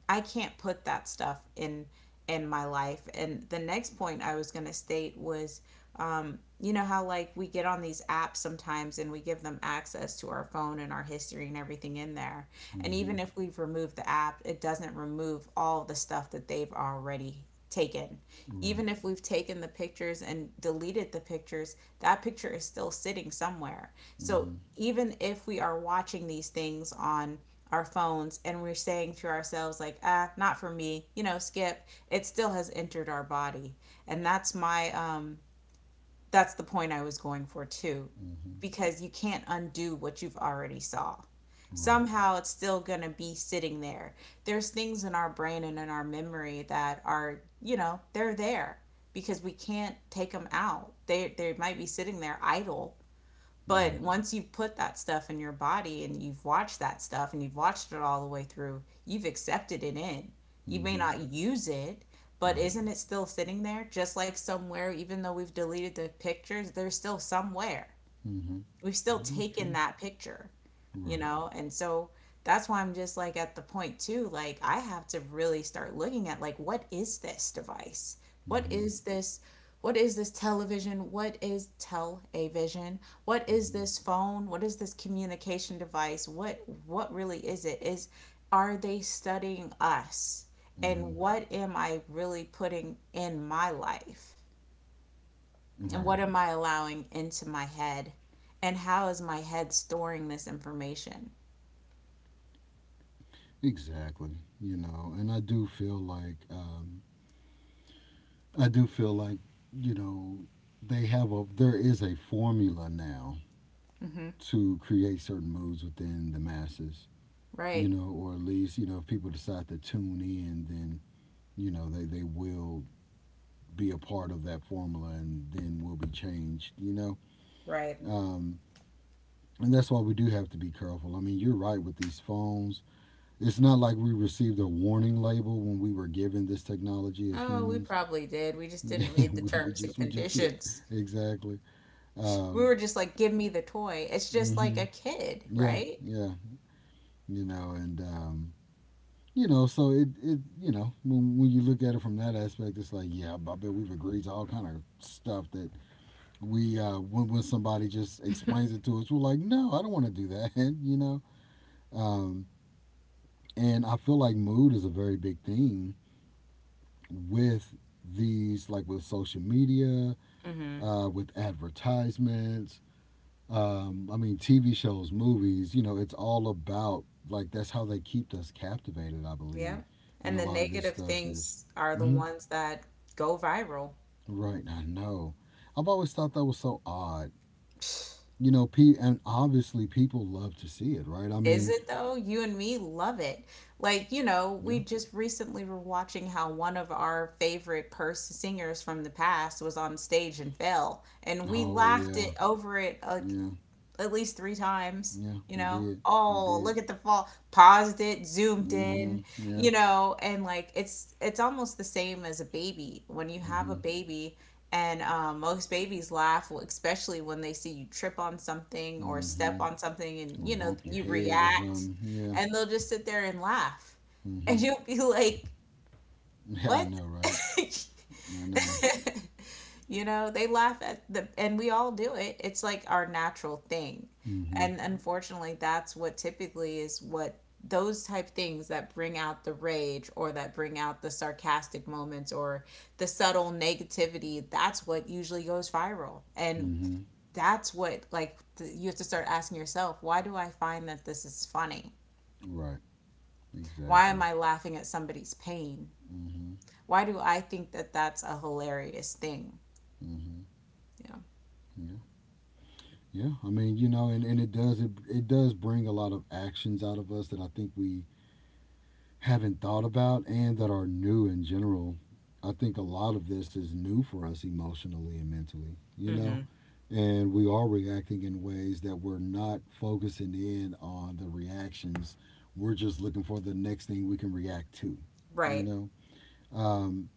I can't put that stuff in in my life. And the next point I was going to state was um, you know how like we get on these apps sometimes and we give them access to our phone and our history and everything in there. And
Mm-hmm.
even if we've removed the app, it doesn't remove all the stuff that they've already taken.
Right.
Even if we've taken the pictures and deleted the pictures, that picture is still sitting somewhere. So
Mm-hmm.
even if we are watching these things on our phones and we're saying to ourselves like ah, not for me, you know, skip, it still has entered our body. And that's my um that's the point I was going for too,
Mm-hmm.
because you can't undo what you've already saw.
Right.
Somehow it's still going to be sitting there. There's things in our brain and in our memory that are, you know, they're there, because we can't take them out. They they might be sitting there idle, but
Right.
once you've put that stuff in your body and you've watched that stuff and you've watched it all the way through, you've accepted it in. You may
Mm-hmm.
not use it, but
Right.
isn't it still sitting there? Just like somewhere, even though we've deleted the pictures, they're still somewhere,
Mm-hmm.
we've still
That is
taken
true.
that picture, you
Right.
know? And so that's why I'm just like at the point too, like I have to really start looking at like what is this device? What
Mm-hmm.
is this what is this television? What is tell What is
Mm-hmm.
this phone? What is this communication device? What what really is it? Is are they studying us?
Mm-hmm.
And what am I really putting in my life? And
Right.
what am I allowing into my head? And how is my head storing this information?
Exactly. You know, and I do feel like um, I do feel like you know they have a there is a formula now to create certain moods within the masses, you
Right?
know, or at least, you know, if people decide to tune in, then, you know, they, they will be a part of that formula and then will be changed, you know?
Right.
Um, and that's why we do have to be careful. I mean, you're right with these phones. It's not like we received a warning label when we were given this technology as
Oh, we
humans.
probably did. We just didn't read the
we
terms and
just, we just, yeah,
conditions.
exactly.
We
Um,
were just like, give me the toy. It's just like
hmm
a kid,
Yeah,
right?
yeah, you know, and um, you know, so it, it you know, when, when you look at it from that aspect, it's like, yeah, I bet we've agreed to all kind of stuff that we, uh, when, when somebody just explains it to us, we're like, no, I don't want to do that, you know? Um, and I feel like mood is a very big thing with these, like with social media,
Mm-hmm.
uh, with advertisements, um, I mean, T V shows, movies, you know, it's all about, like, that's how they keep us captivated, I
Yeah.
believe. And
And
a
the
lot of this
negative
stuff is.
things are the
Mhm.
ones that go viral.
Right, I know. I've always thought that was so odd. You know, pe- and obviously people love to see it, right? I
Is
mean,
it though? You and me love it. Like, you know,
yeah.
we just recently were watching how one of our favorite pers- singers from the past was on stage and fell, and we
Oh,
laughed
yeah.
it over it like
Yeah.
at least three times.
Yeah,
You
we
know,
did. We
oh look
did.
at the fall. Paused it, zoomed
Mm-hmm.
in.
Yeah.
You know, and like it's it's almost the same as a baby. When you have a
Mm-hmm.
baby, and um, most babies laugh, especially when they see you trip on something or
Mm-hmm.
step on something, and
Or
you know
bump your
you
head or
react,
something. Yeah.
and they'll just sit there and laugh,
Mm-hmm.
and you'll be like,
Yeah, I
what?
know, right? I know.
you know, they laugh at the, and we all do it. It's like our natural thing.
Mm-hmm.
And unfortunately, that's what typically is what those type things that bring out the rage or that bring out the sarcastic moments or the subtle negativity, that's what usually goes viral. And
Mm-hmm.
that's what, like, th- you have to start asking yourself, why do I find that this is funny?
Right.
Why
Exactly.
am I laughing at somebody's pain?
Mm-hmm.
Why do I think that that's a hilarious thing?
Mm-hmm. Yeah. Yeah. I mean, you know, and, and it does it, it does bring a lot of actions out of us that I think we haven't thought about and that are new in general. I think a lot of this is new for us emotionally and mentally, you know?
Yeah.
And we are reacting in ways that we're not focusing in on the reactions. We're just looking for the next thing we can react to, you
Right.
know? Um,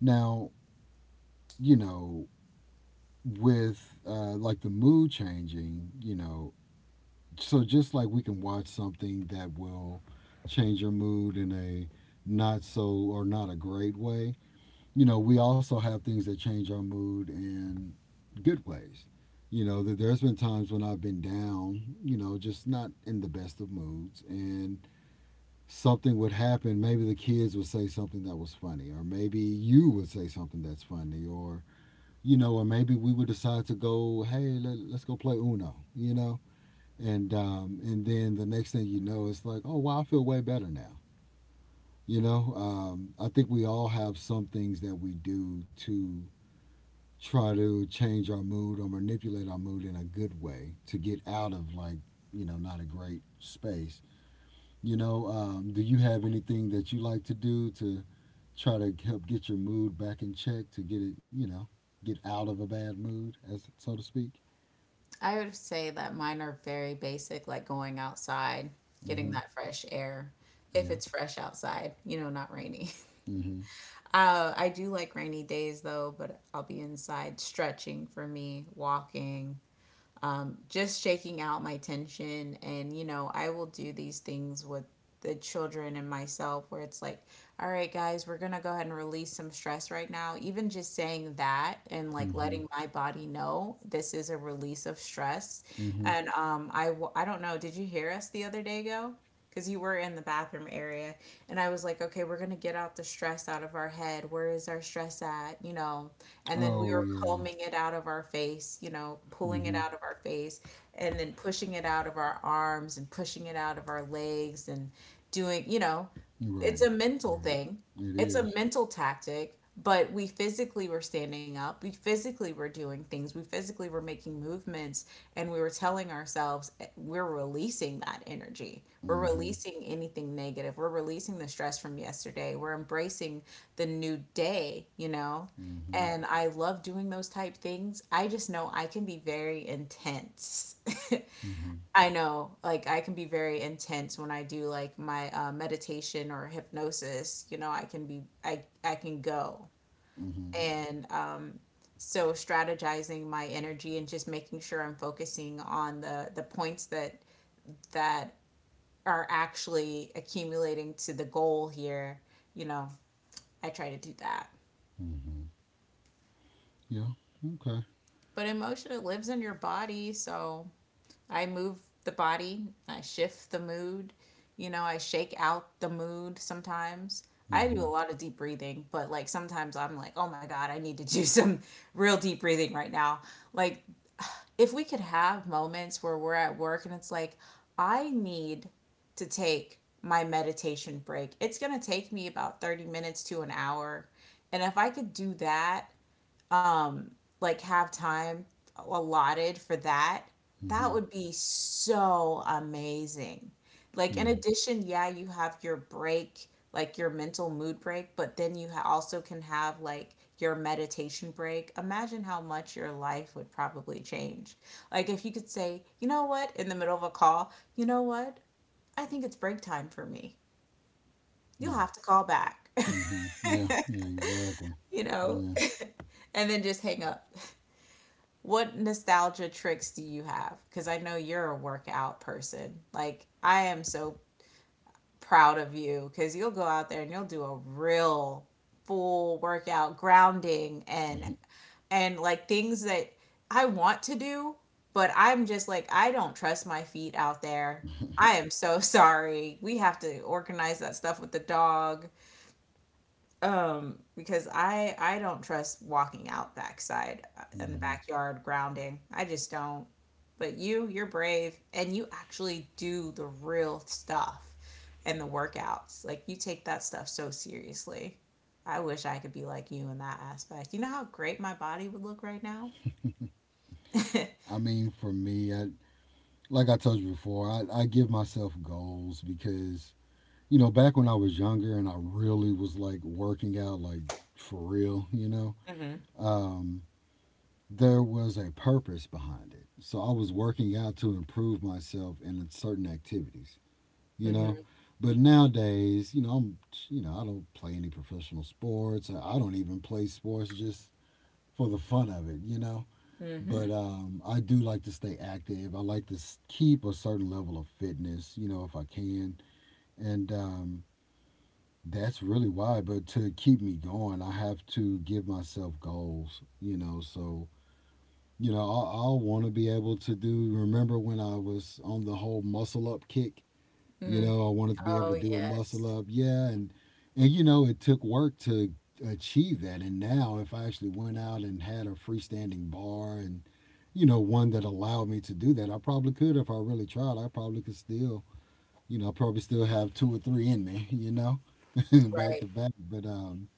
now, you know, with uh, like the mood changing, you know, so just like we can watch something that will change your mood in a not so or not a great way, you know, we also have things that change our mood in good ways. You know, that there's been times when I've been down, you know, just not in the best of moods, and something would happen, maybe the kids would say something that was funny or maybe you would say something that's funny or you know, or maybe we would decide to go, hey, let, let's go play Uno, you know? and um, and then the next thing you know, it's like, oh wow, I feel way better now. You know, um, I think we all have some things that we do to try to change our mood or manipulate our mood in a good way to get out of like you know not a great space. You know, um, do you have anything that you like to do to try to help get your mood back in check to get it you know get out of a bad mood, as so to speak?
I would say that mine are very basic, like going outside, getting
Mm-hmm.
that fresh air. If
Yeah.
it's fresh outside, you know, not rainy.
Mm-hmm.
Uh, I do like rainy days though, but I'll be inside stretching for me, walking, um, just shaking out my tension. And, you know, I will do these things with the children and myself where it's like, all right, guys, we're going to go ahead and release some stress right now. Even just saying that and like
Mm-hmm.
letting my body know this is a release of stress.
Mm-hmm.
And um, I, w- I don't know, did you hear us the other day go? Because you were in the bathroom area and I was like, okay, we're going to get out the stress out of our head, where is our stress at, you know? And then we
Oh
were
yeah.
combing it out of our face, you know, pulling it
Mm-hmm.
out of our face, and then pushing it out of our arms and pushing it out of our legs and doing, you know,
Right.
it's a mental
Right.
thing,
It
it's a
is.
mental tactic, but we physically were standing up, we physically were doing things, we physically were making movements, and we were telling ourselves, eh, we're releasing that energy, we're
Mm-hmm.
releasing anything negative, we're releasing the stress from yesterday, we're embracing the new day, you know.
Mm-hmm.
And I love doing those type things. I just know I can be very intense.
Mm-hmm.
I know, like I can be very intense when I do like my uh, meditation or hypnosis. You know, I can be, I, I can go.
Mm-hmm.
And um, so strategizing my energy and just making sure I'm focusing on the the points that that are actually accumulating to the goal here. You know, I try to do that.
Mm-hmm. Yeah. Okay.
But emotion, it lives in your body, so I move the body, I shift the mood, you know, I shake out the mood sometimes. I do
Mm-hmm.
a lot of deep breathing, but like sometimes I'm like, oh my God, I need to do some real deep breathing right now. Like, if we could have moments where we're at work and it's like, I need to take my meditation break, it's going to take me about thirty minutes to an hour. And if I could do that um, like have time allotted for that, that
Mm-hmm.
would be so amazing. Like, in
Yeah.
addition, yeah, you have your break, like your mental mood break, but then you ha- also can have like your meditation break. Imagine how much your life would probably change. Like, if you could say, you know what, in the middle of a call, you know what, I think it's break time for me. You'll
Yeah.
have to call back,
Mm-hmm. Yeah. Yeah. Exactly.
you know,
Yeah.
and then just hang up. What nostalgia tricks do you have? Because I know you're a workout person. Like, I am so proud of you because you'll go out there and you'll do a real full workout, grounding, and and like things that I want to do, but I'm just like, I don't trust my feet out there. I am so sorry. We have to organize that stuff with the dog, um because i i don't trust walking out backside, uh, in the
Mm-hmm.
backyard grounding. I just don't. But you you're brave and you actually do the real stuff, and the workouts, like you take that stuff so seriously. I wish I could be like you in that aspect. You know how great my body would look right now.
I mean, for me, I like I told you before, I, I give myself goals because you know back when I was younger and I really was like working out like for real, you know.
Mm-hmm.
Um, there was a purpose behind it. So I was working out to improve myself in certain activities, you
Mm-hmm.
know. But nowadays, you know, I'm, you know, I don't play any professional sports. I don't even play sports just for the fun of it, you know.
Mm-hmm.
But um, I do like to stay active. I like to keep a certain level of fitness, you know, if I can. And um, that's really why. But to keep me going, I have to give myself goals, you know. So you know, I, i want to be able to do. Remember when I was on the whole muscle up kick? You
Mm.
know, I wanted to be able to
Oh
do a
yes.
muscle up. Yeah, and and you know, it took work to achieve that. And now, if I actually went out and had a freestanding bar and you know one that allowed me to do that, I probably could if I really tried. I probably could still, you know, probably still have two or three in me. You know, back
Right.
to back. But um,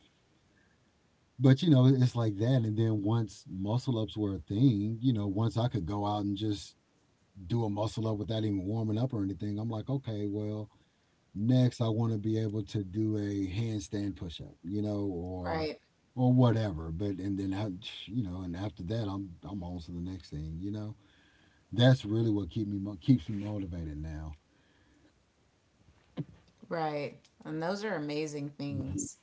but you know, it's like that. And then once muscle ups were a thing, you know, once I could go out and just do a muscle up without even warming up or anything, I'm like, okay, well, next I want to be able to do a handstand push up, you know, or
Right.
or whatever. But and then I, you know, and after that, I'm I'm on to the next thing. You know, that's really what keep me mo- keeps me motivated now.
Right. And those are amazing
Hmm.
things.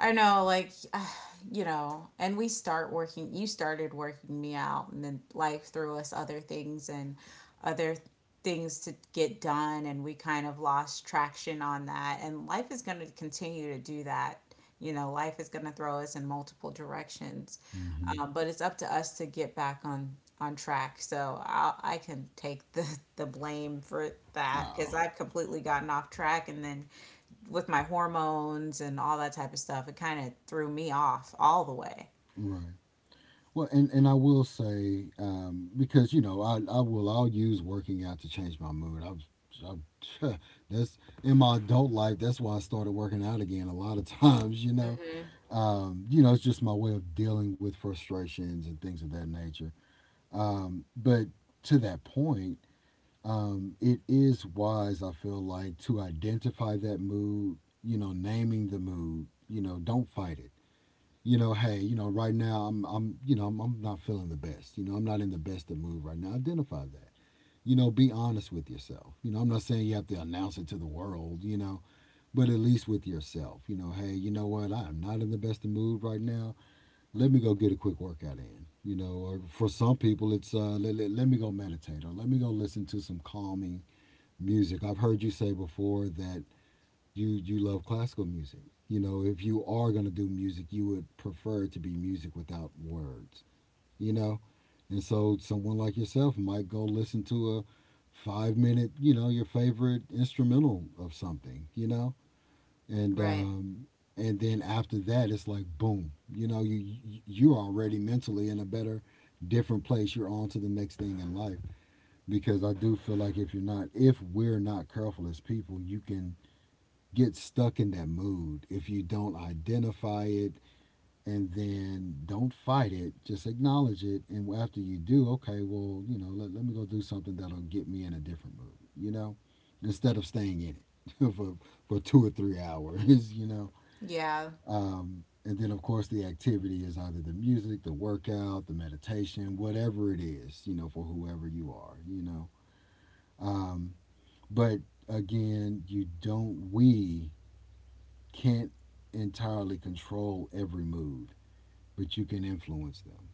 I don't know, like, you know, and we start working, you started working me out, and then life threw us other things and other things to get done, and we kind of lost traction on that. And life is going to continue to do that. You know, life is going to throw us in multiple directions,
Hmm.
um, but it's up to us to get back on on track. So I I can take the the blame for that because
Oh,
I've completely gotten off track, and then with my hormones and all that type of stuff, it kind of threw me off all the way.
right. Well, and, and I will say um, because you know I, I will I'll use working out to change my mood. I've, I've that's in my adult life. That's why I started working out again. A lot of times, you know,
Hmm.
um, you know, it's just my way of dealing with frustrations and things of that nature. Um, but to that point, um, it is wise, I feel like, to identify that mood. You know, naming the mood. You know, don't fight it, you know, hey, you know, right now I'm I'm you know, I'm, I'm not feeling the best. You know, I'm not in the best of mood right now. Identify that. You know, be honest with yourself. You know, I'm not saying you have to announce it to the world, you know, but at least with yourself. You know, hey, you know what? I am not in the best of mood right now. Let me go get a quick workout in. You know, or for some people it's uh let, let, let me go meditate or let me go listen to some calming music. I've heard you say before that you you love classical music. You know, if you are going to do music, you would prefer to be music without words, you know? And so someone like yourself might go listen to a five minute, you know, your favorite instrumental of something, you know? And
Right.
um and then after that it's like boom, you know, you you- you're already mentally in a better different place. You're on to the next thing in life because I do feel like if you're not if we're not careful as people, you can get stuck in that mood. If you don't identify it and then don't fight it, just acknowledge it. And after you do, okay, well, you know, let, let me go do something that'll get me in a different mood, you know, instead of staying in it for, for two or three hours, you know.
Yeah,
Um, and then, of course, the activity is either the music, the workout, the meditation, whatever it is, you know, for whoever you are, you know. Um, but again, you don't, we can't entirely control every mood, but you can influence them.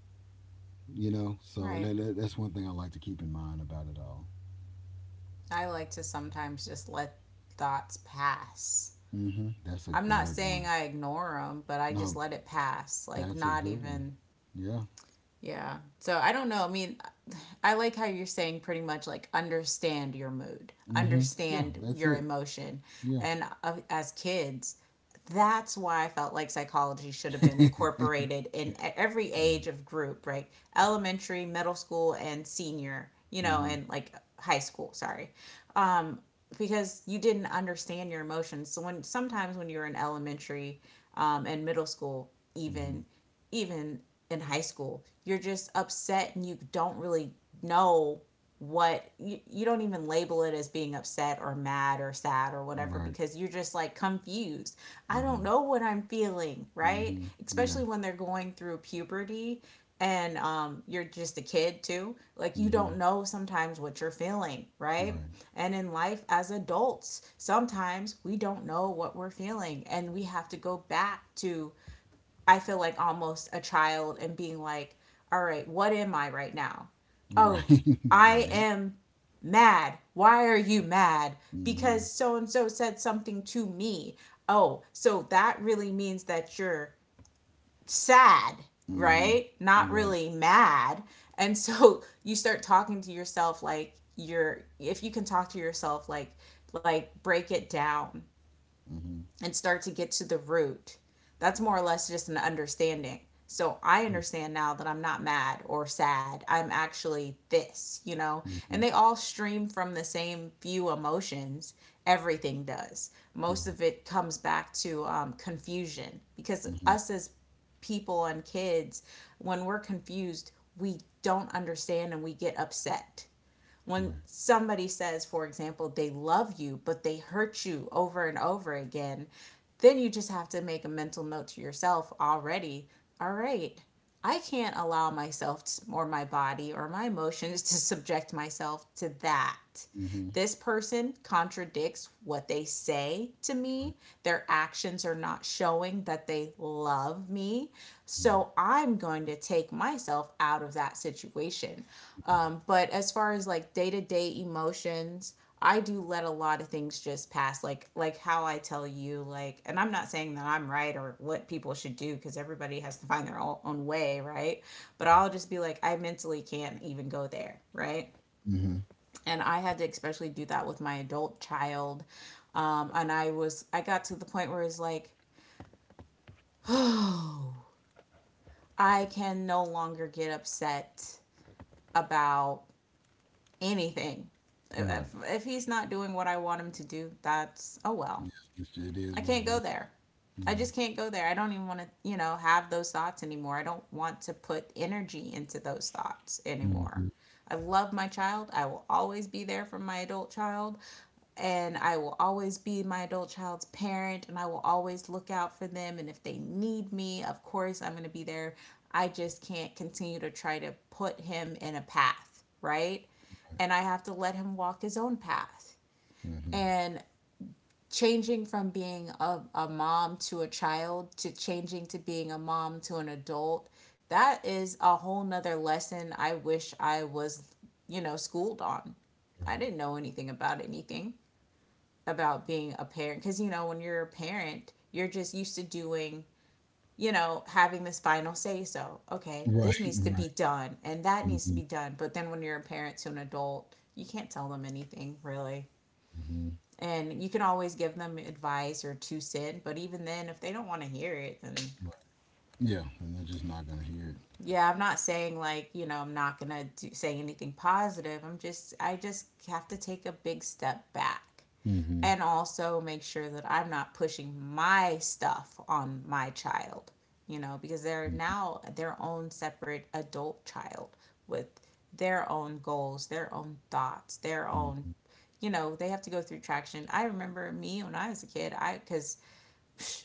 You know, so
right.
that, that, that's one thing I like to keep in mind about it all.
I like to sometimes just let thoughts pass.
Mm-hmm. That's a
I'm not
good
saying
one.
I ignore them, but I just
No,
let it pass. Like,
that's a
not
good one.
even,
Yeah.
yeah. So I don't know. I mean, I like how you're saying pretty much like understand your mood,
Mm-hmm. Yeah,
understand
that's
your
it.
emotion.
Yeah.
And uh, as kids, that's why I felt like psychology should have been
Right.
incorporated in e- every age of group, right? Elementary, middle school, and senior, you know,
Mm-hmm.
and like high school, sorry. Um, because you didn't understand your emotions. So when sometimes when you're in elementary, um, and middle school,
Mm-hmm.
even even in high school. You're just upset and you don't really know what you, you don't even label it as being upset or mad or sad or whatever
Right.
because you're just like confused. I don't
Mm-hmm.
know what I'm feeling, right?
Mm-hmm. Yeah.
Especially when they're going through puberty and, um, you're just a kid too. Like you
Mm-hmm.
don't know sometimes what you're feeling, right?
Right.
And in life as adults, sometimes we don't know what we're feeling and we have to go back to, I feel like almost a child and being like, all right, what am I right now? Oh,
Right.
I
Right.
am mad. Why are you mad?
Mm-hmm.
Because so and so said something to me. Oh, so that really means that you're sad,
Mm-hmm.
right? Not
Right.
really mad. And so, you start talking to yourself like, you're if you can talk to yourself, like like break it down
Mm-hmm.
and start to get to the root. That's more or less just an understanding. So I
Right.
understand now that I'm not mad or sad. I'm actually this, you know? And
Mm-hmm.
they all stream from the same few emotions. Everything does.
Right.
Most of it comes back to, um, confusion because
Mm-hmm.
us as people and kids, when we're confused, we don't understand and we get upset.
Right.
When somebody says, for example, they love you, but they hurt you over and over again, then you just have to make a mental note to yourself already. All right, I can't allow myself or my body or my emotions to subject myself to that.
Mm-hmm.
This person contradicts what they say to
Right.
me. Their actions are not showing that they love me.
Mm-hmm.
So I'm going to take myself out of that situation.
Right.
Um, but as far as like day to day emotions, I do let a lot of things just pass, like like how I tell you, like, and I'm not saying that I'm right or what people should do because everybody has to find their own own way, right? But I'll just be like, I mentally can't even go there, right?
Hmm.
And I had to especially do that with my adult child, um, and i was I got to the point where it's like, oh, I can no longer get upset about anything.
Right.
If, if he's not doing what I want him to do, that's, oh well.
Yeah. It's, it
I
is what
can't
it
go
is.
there. I
Yeah.
just can't go there. I don't even want to, you know, have those thoughts anymore. I don't want to put energy into those thoughts anymore.
Mm-hmm.
I love my child. I will always be there for my adult child. And I will always be my adult child's parent. And I will always look out for them. And if they need me, of course, I'm going to be there. I just can't continue to try to put him in a path, right?
Right.
And I have to let him walk his own path.
Mm-hmm.
And changing from being a, a mom to a child, to changing to being a mom to an adult, that is a whole nother lesson. I wish I was you know schooled on.
Right.
I didn't know anything about anything about being a parent, because you know, when you're a parent, you're just used to doing, you know, having this final say, so, okay,
Right.
this needs to
Right.
be done and that needs to
Mm-hmm.
be done. But then when you're a parent to an adult, you can't tell them anything really.
Mm-hmm.
And you can always give them advice or two cent, but even then, if they don't want to hear it, then,
Right. Yeah. And they're just not gonna hear
yeah, I'm not saying, like, you know, I'm not going to do, say anything positive. I'm just, I just have to take a big step back,
it. Mm-hmm.
and also make sure that I'm not pushing my stuff on my child, you know, because they're now their own separate adult child, with their own goals, their own thoughts, their own,
Mm-hmm.
you know, they have to go through traction. I remember me when I was a kid I because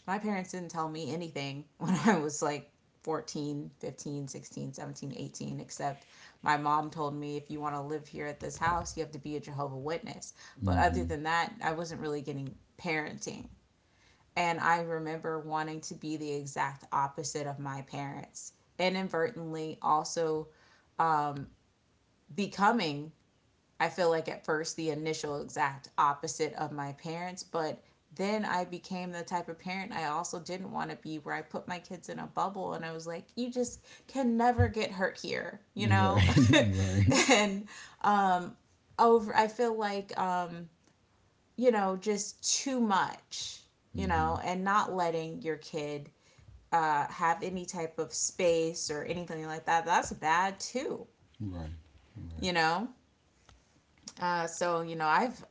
My parents didn't tell me anything when I was like fourteen, fifteen, sixteen, seventeen, eighteen. Except my mom told me, if you want to live here at this house, you have to be a Jehovah Witness. But
Mm-hmm.
other
Mm-hmm.
than that, I wasn't really getting parenting. And I remember wanting to be the exact opposite of my parents, and inadvertently also becoming, I feel like at first, the initial exact opposite of my parents, but then I became the type of parent I also didn't want to be, where I put my kids in a bubble and I was like, you just can never get hurt here, you know?
Right. Right.
And over, I feel like, um, you know, just too much, you
Mm-hmm.
know, and not letting your kid, uh, have any type of space or anything like that. That's bad too,
Right. Right.
you know? Uh, so you know, I've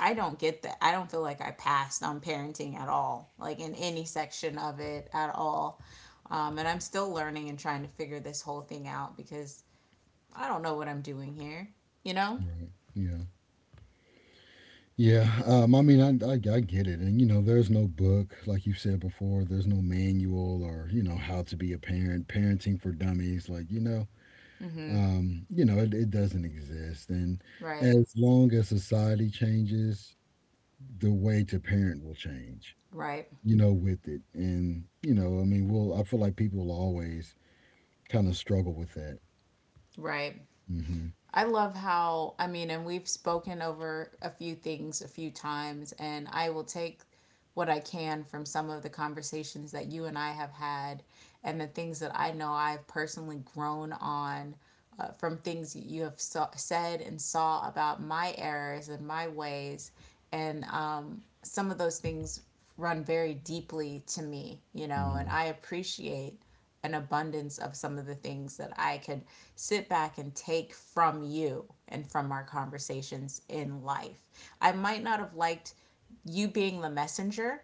I don't get that. I don't feel like I passed on parenting at all, like in any section of it at all. Um, and I'm still learning and trying to figure this whole thing out because I don't know what I'm doing here. You know?
Right. Yeah. Yeah. Um, I mean, I, I, I get it. And, you know, there's no book, like you said before, there's no manual or, you know, how to be a parent, parenting for dummies. Like, you know, um, you know, it, it doesn't exist. And
Right.
as long as society changes, the way to parent will change,
Right.
you know, with it. And, you know, I mean, we'll, I feel like people will always kind of struggle with that.
Right.
Hmm.
I love how, I mean, and we've spoken over a few things a few times, and I will take what I can from some of the conversations that you and I have had, and the things that I know I've personally grown on, uh, from things that you have saw, said and saw about my errors and my ways. And um, some of those things run very deeply to me, you know,
Hmm.
and I appreciate an abundance of some of the things that I could sit back and take from you and from our conversations in life. I might not have liked you being the messenger,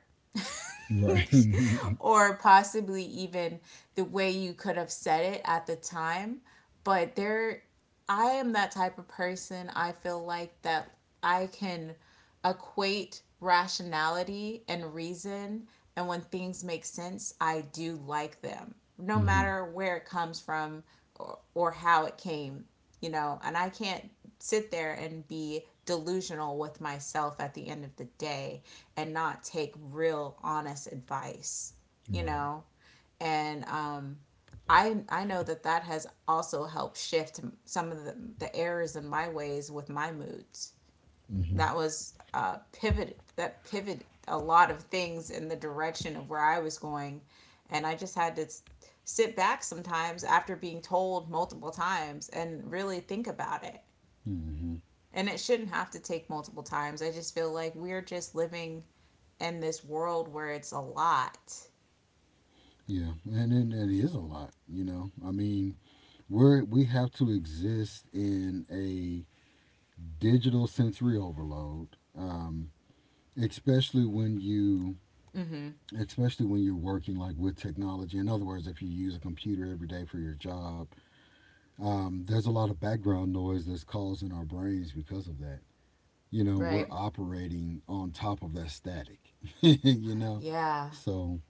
Right.
or possibly even the way you could have said it at the time. But there, I am that type of person, I feel like, that I can equate rationality and reason. And when things make sense, I do like them, no
Hmm.
matter where it comes from, or, or how it came, you know. And I can't sit there and be delusional with myself at the end of the day and not take real honest advice, you
Right.
know. And um, I, I know that that has also helped shift some of the, the errors in my ways with my moods.
Hmm.
That was uh, pivot that pivot a lot of things in the direction of where I was going, and I just had to sit back sometimes after being told multiple times and really think about it.
Hmm.
And it shouldn't have to take multiple times. I just feel like we're just living in this world where it's a lot.
Yeah, and and it is a lot, you know. I mean, we're we have to exist in a digital sensory overload, um, especially when you
Mm-hmm.
especially when you're working like with technology. In other words, if you use a computer every day for your job, um, there's a lot of background noise that's caused in our brains because of that. You know, we're
Right.
operating on top of that static. You know,
Yeah.
so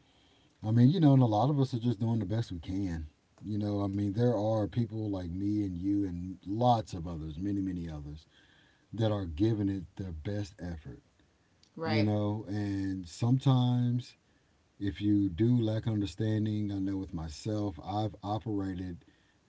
I mean, you know, and a lot of us are just doing the best we can. You know, I mean, there are people like me and you and lots of others, many, many others, that are giving it their best effort. You
Right.
know, and sometimes if you do lack understanding, I know with myself, I've operated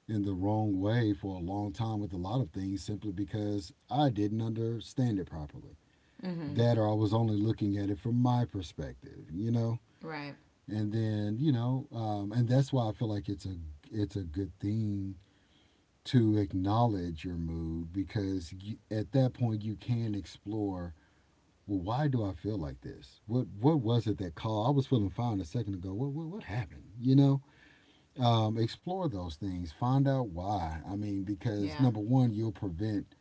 in the wrong way for a long time with a lot of things simply because I didn't understand it properly.
Mhm.
That or I was only looking at it from my perspective, you know?
Right.
And then, you know, um, and that's why I feel like it's a it's a good thing to acknowledge your mood because you, at that point you can explore well why do I feel like this? What what was it that caused, I was feeling fine a second ago? What what, what happened? You know, um, explore those things, find out why. I mean, because
Yeah.
number one, you'll prevent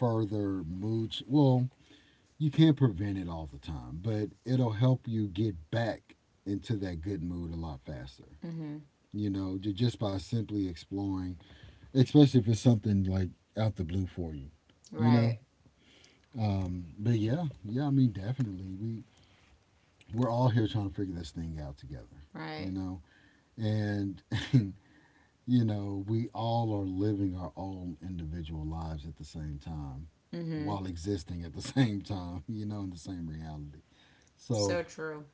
further mood, well, you can't prevent it all the time, but it'll help you get back into that good mood a lot faster,
Mhm.
you know, ju- just by simply exploring, especially if it's something like out the blue for you, you know.
Right.
Um, but Yeah, yeah, I mean, definitely we we're all here trying to figure this thing out together, you
Right.
know. And you know, we all are living our own individual lives at the same time
Mhm.
while existing at the same time, you know, in the same reality. So,
So true.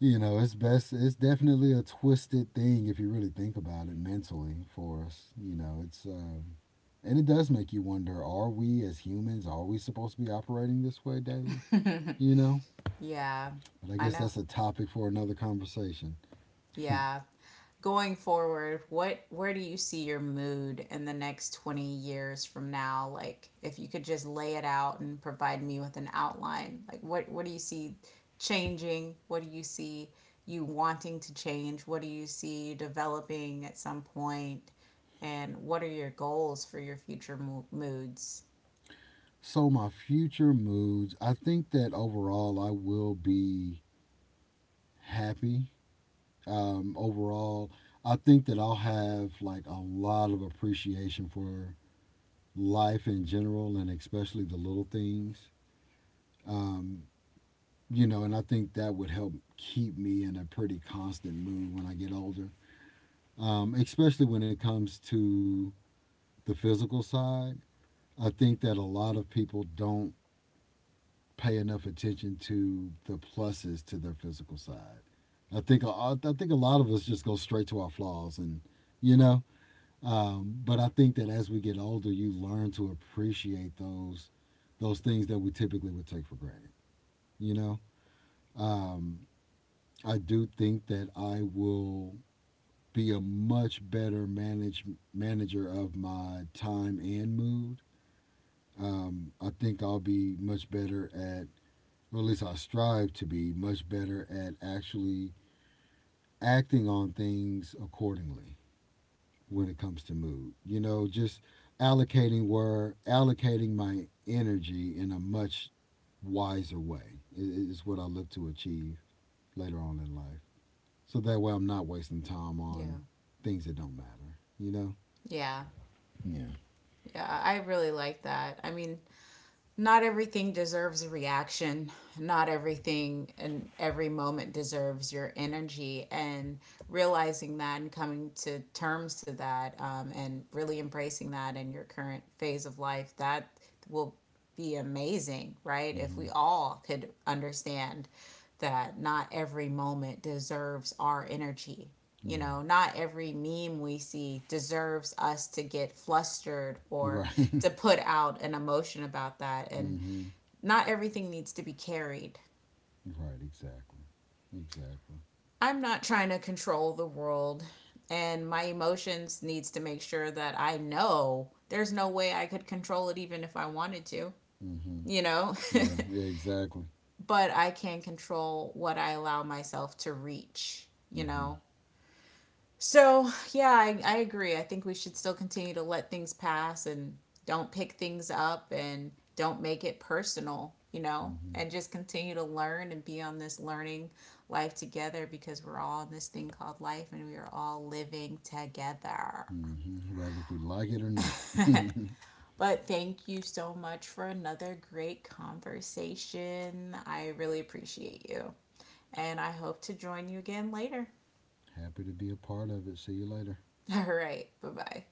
you know, it's best, it's definitely a twisted thing if you really think about it mentally for us. You know, it's, um, and it does make you wonder, are we as humans, are we supposed to be operating this way daily? You know,
Yeah.
but I
I
guess
know.
that's a topic for another conversation.
Yeah. Going forward, what where do you see your mood in the next twenty years from now? Like if you could just lay it out and provide me with an outline. Like what what do you see changing? What do you see you wanting to change? What do you see you developing at some point? And what are your goals for your future mo- moods?
So, my future moods, I think that overall I will be happy, um, overall. I think that I'll have like a lot of appreciation for life in general and especially the little things. Um, you know, and I think that would help keep me in a pretty constant mood when I get older, um, especially when it comes to the physical side. I think that a lot of people don't pay enough attention to the pluses to their physical side. I think I think a lot of us just go straight to our flaws, and you know, Um, but I think that as we get older, you learn to appreciate those those things that we typically would take for granted. You know, um, I do think that I will be a much better manage manager of my time and mood. Um, I think I'll be much better at, or at least I strive to be much better at actually acting on things accordingly when it comes to mood. You know, just allocating where allocating my energy in a much wiser way is what I look to achieve later on in life. So that way, I'm not wasting time
Yeah.
on things that don't matter. You know.
Yeah.
Yeah.
Yeah, I really like that. I mean, not everything deserves a reaction. Not everything and every moment deserves your energy. And realizing that and coming to terms to that, um, and really embracing that in your current phase of life, that will be amazing, right? If
Hmm.
we all could understand that not every moment deserves our energy, you
Right.
know, not every meme we see deserves us to get flustered or
Right.
to put out an emotion about that. And
Hmm.
not everything needs to be carried.
Right. Exactly. Exactly.
I'm not trying to control the world, and my emotions needs to make sure that I know there's no way I could control it even if I wanted to,
Hmm.
you know?
Yeah. Yeah. Exactly.
But I can control what I allow myself to reach, you
Hmm.
know? So, yeah, I, I agree. I think we should still continue to let things pass and don't pick things up and don't make it personal, you know,
Hmm.
and just continue to learn and be on this learning life together, because we're all in this thing called life and we are all living together.
Hmm. Whether we like it or not.
But thank you so much for another great conversation. I really appreciate you. And I hope to join you again later.
Happy to be a part of it. See you later.
All right. Bye bye.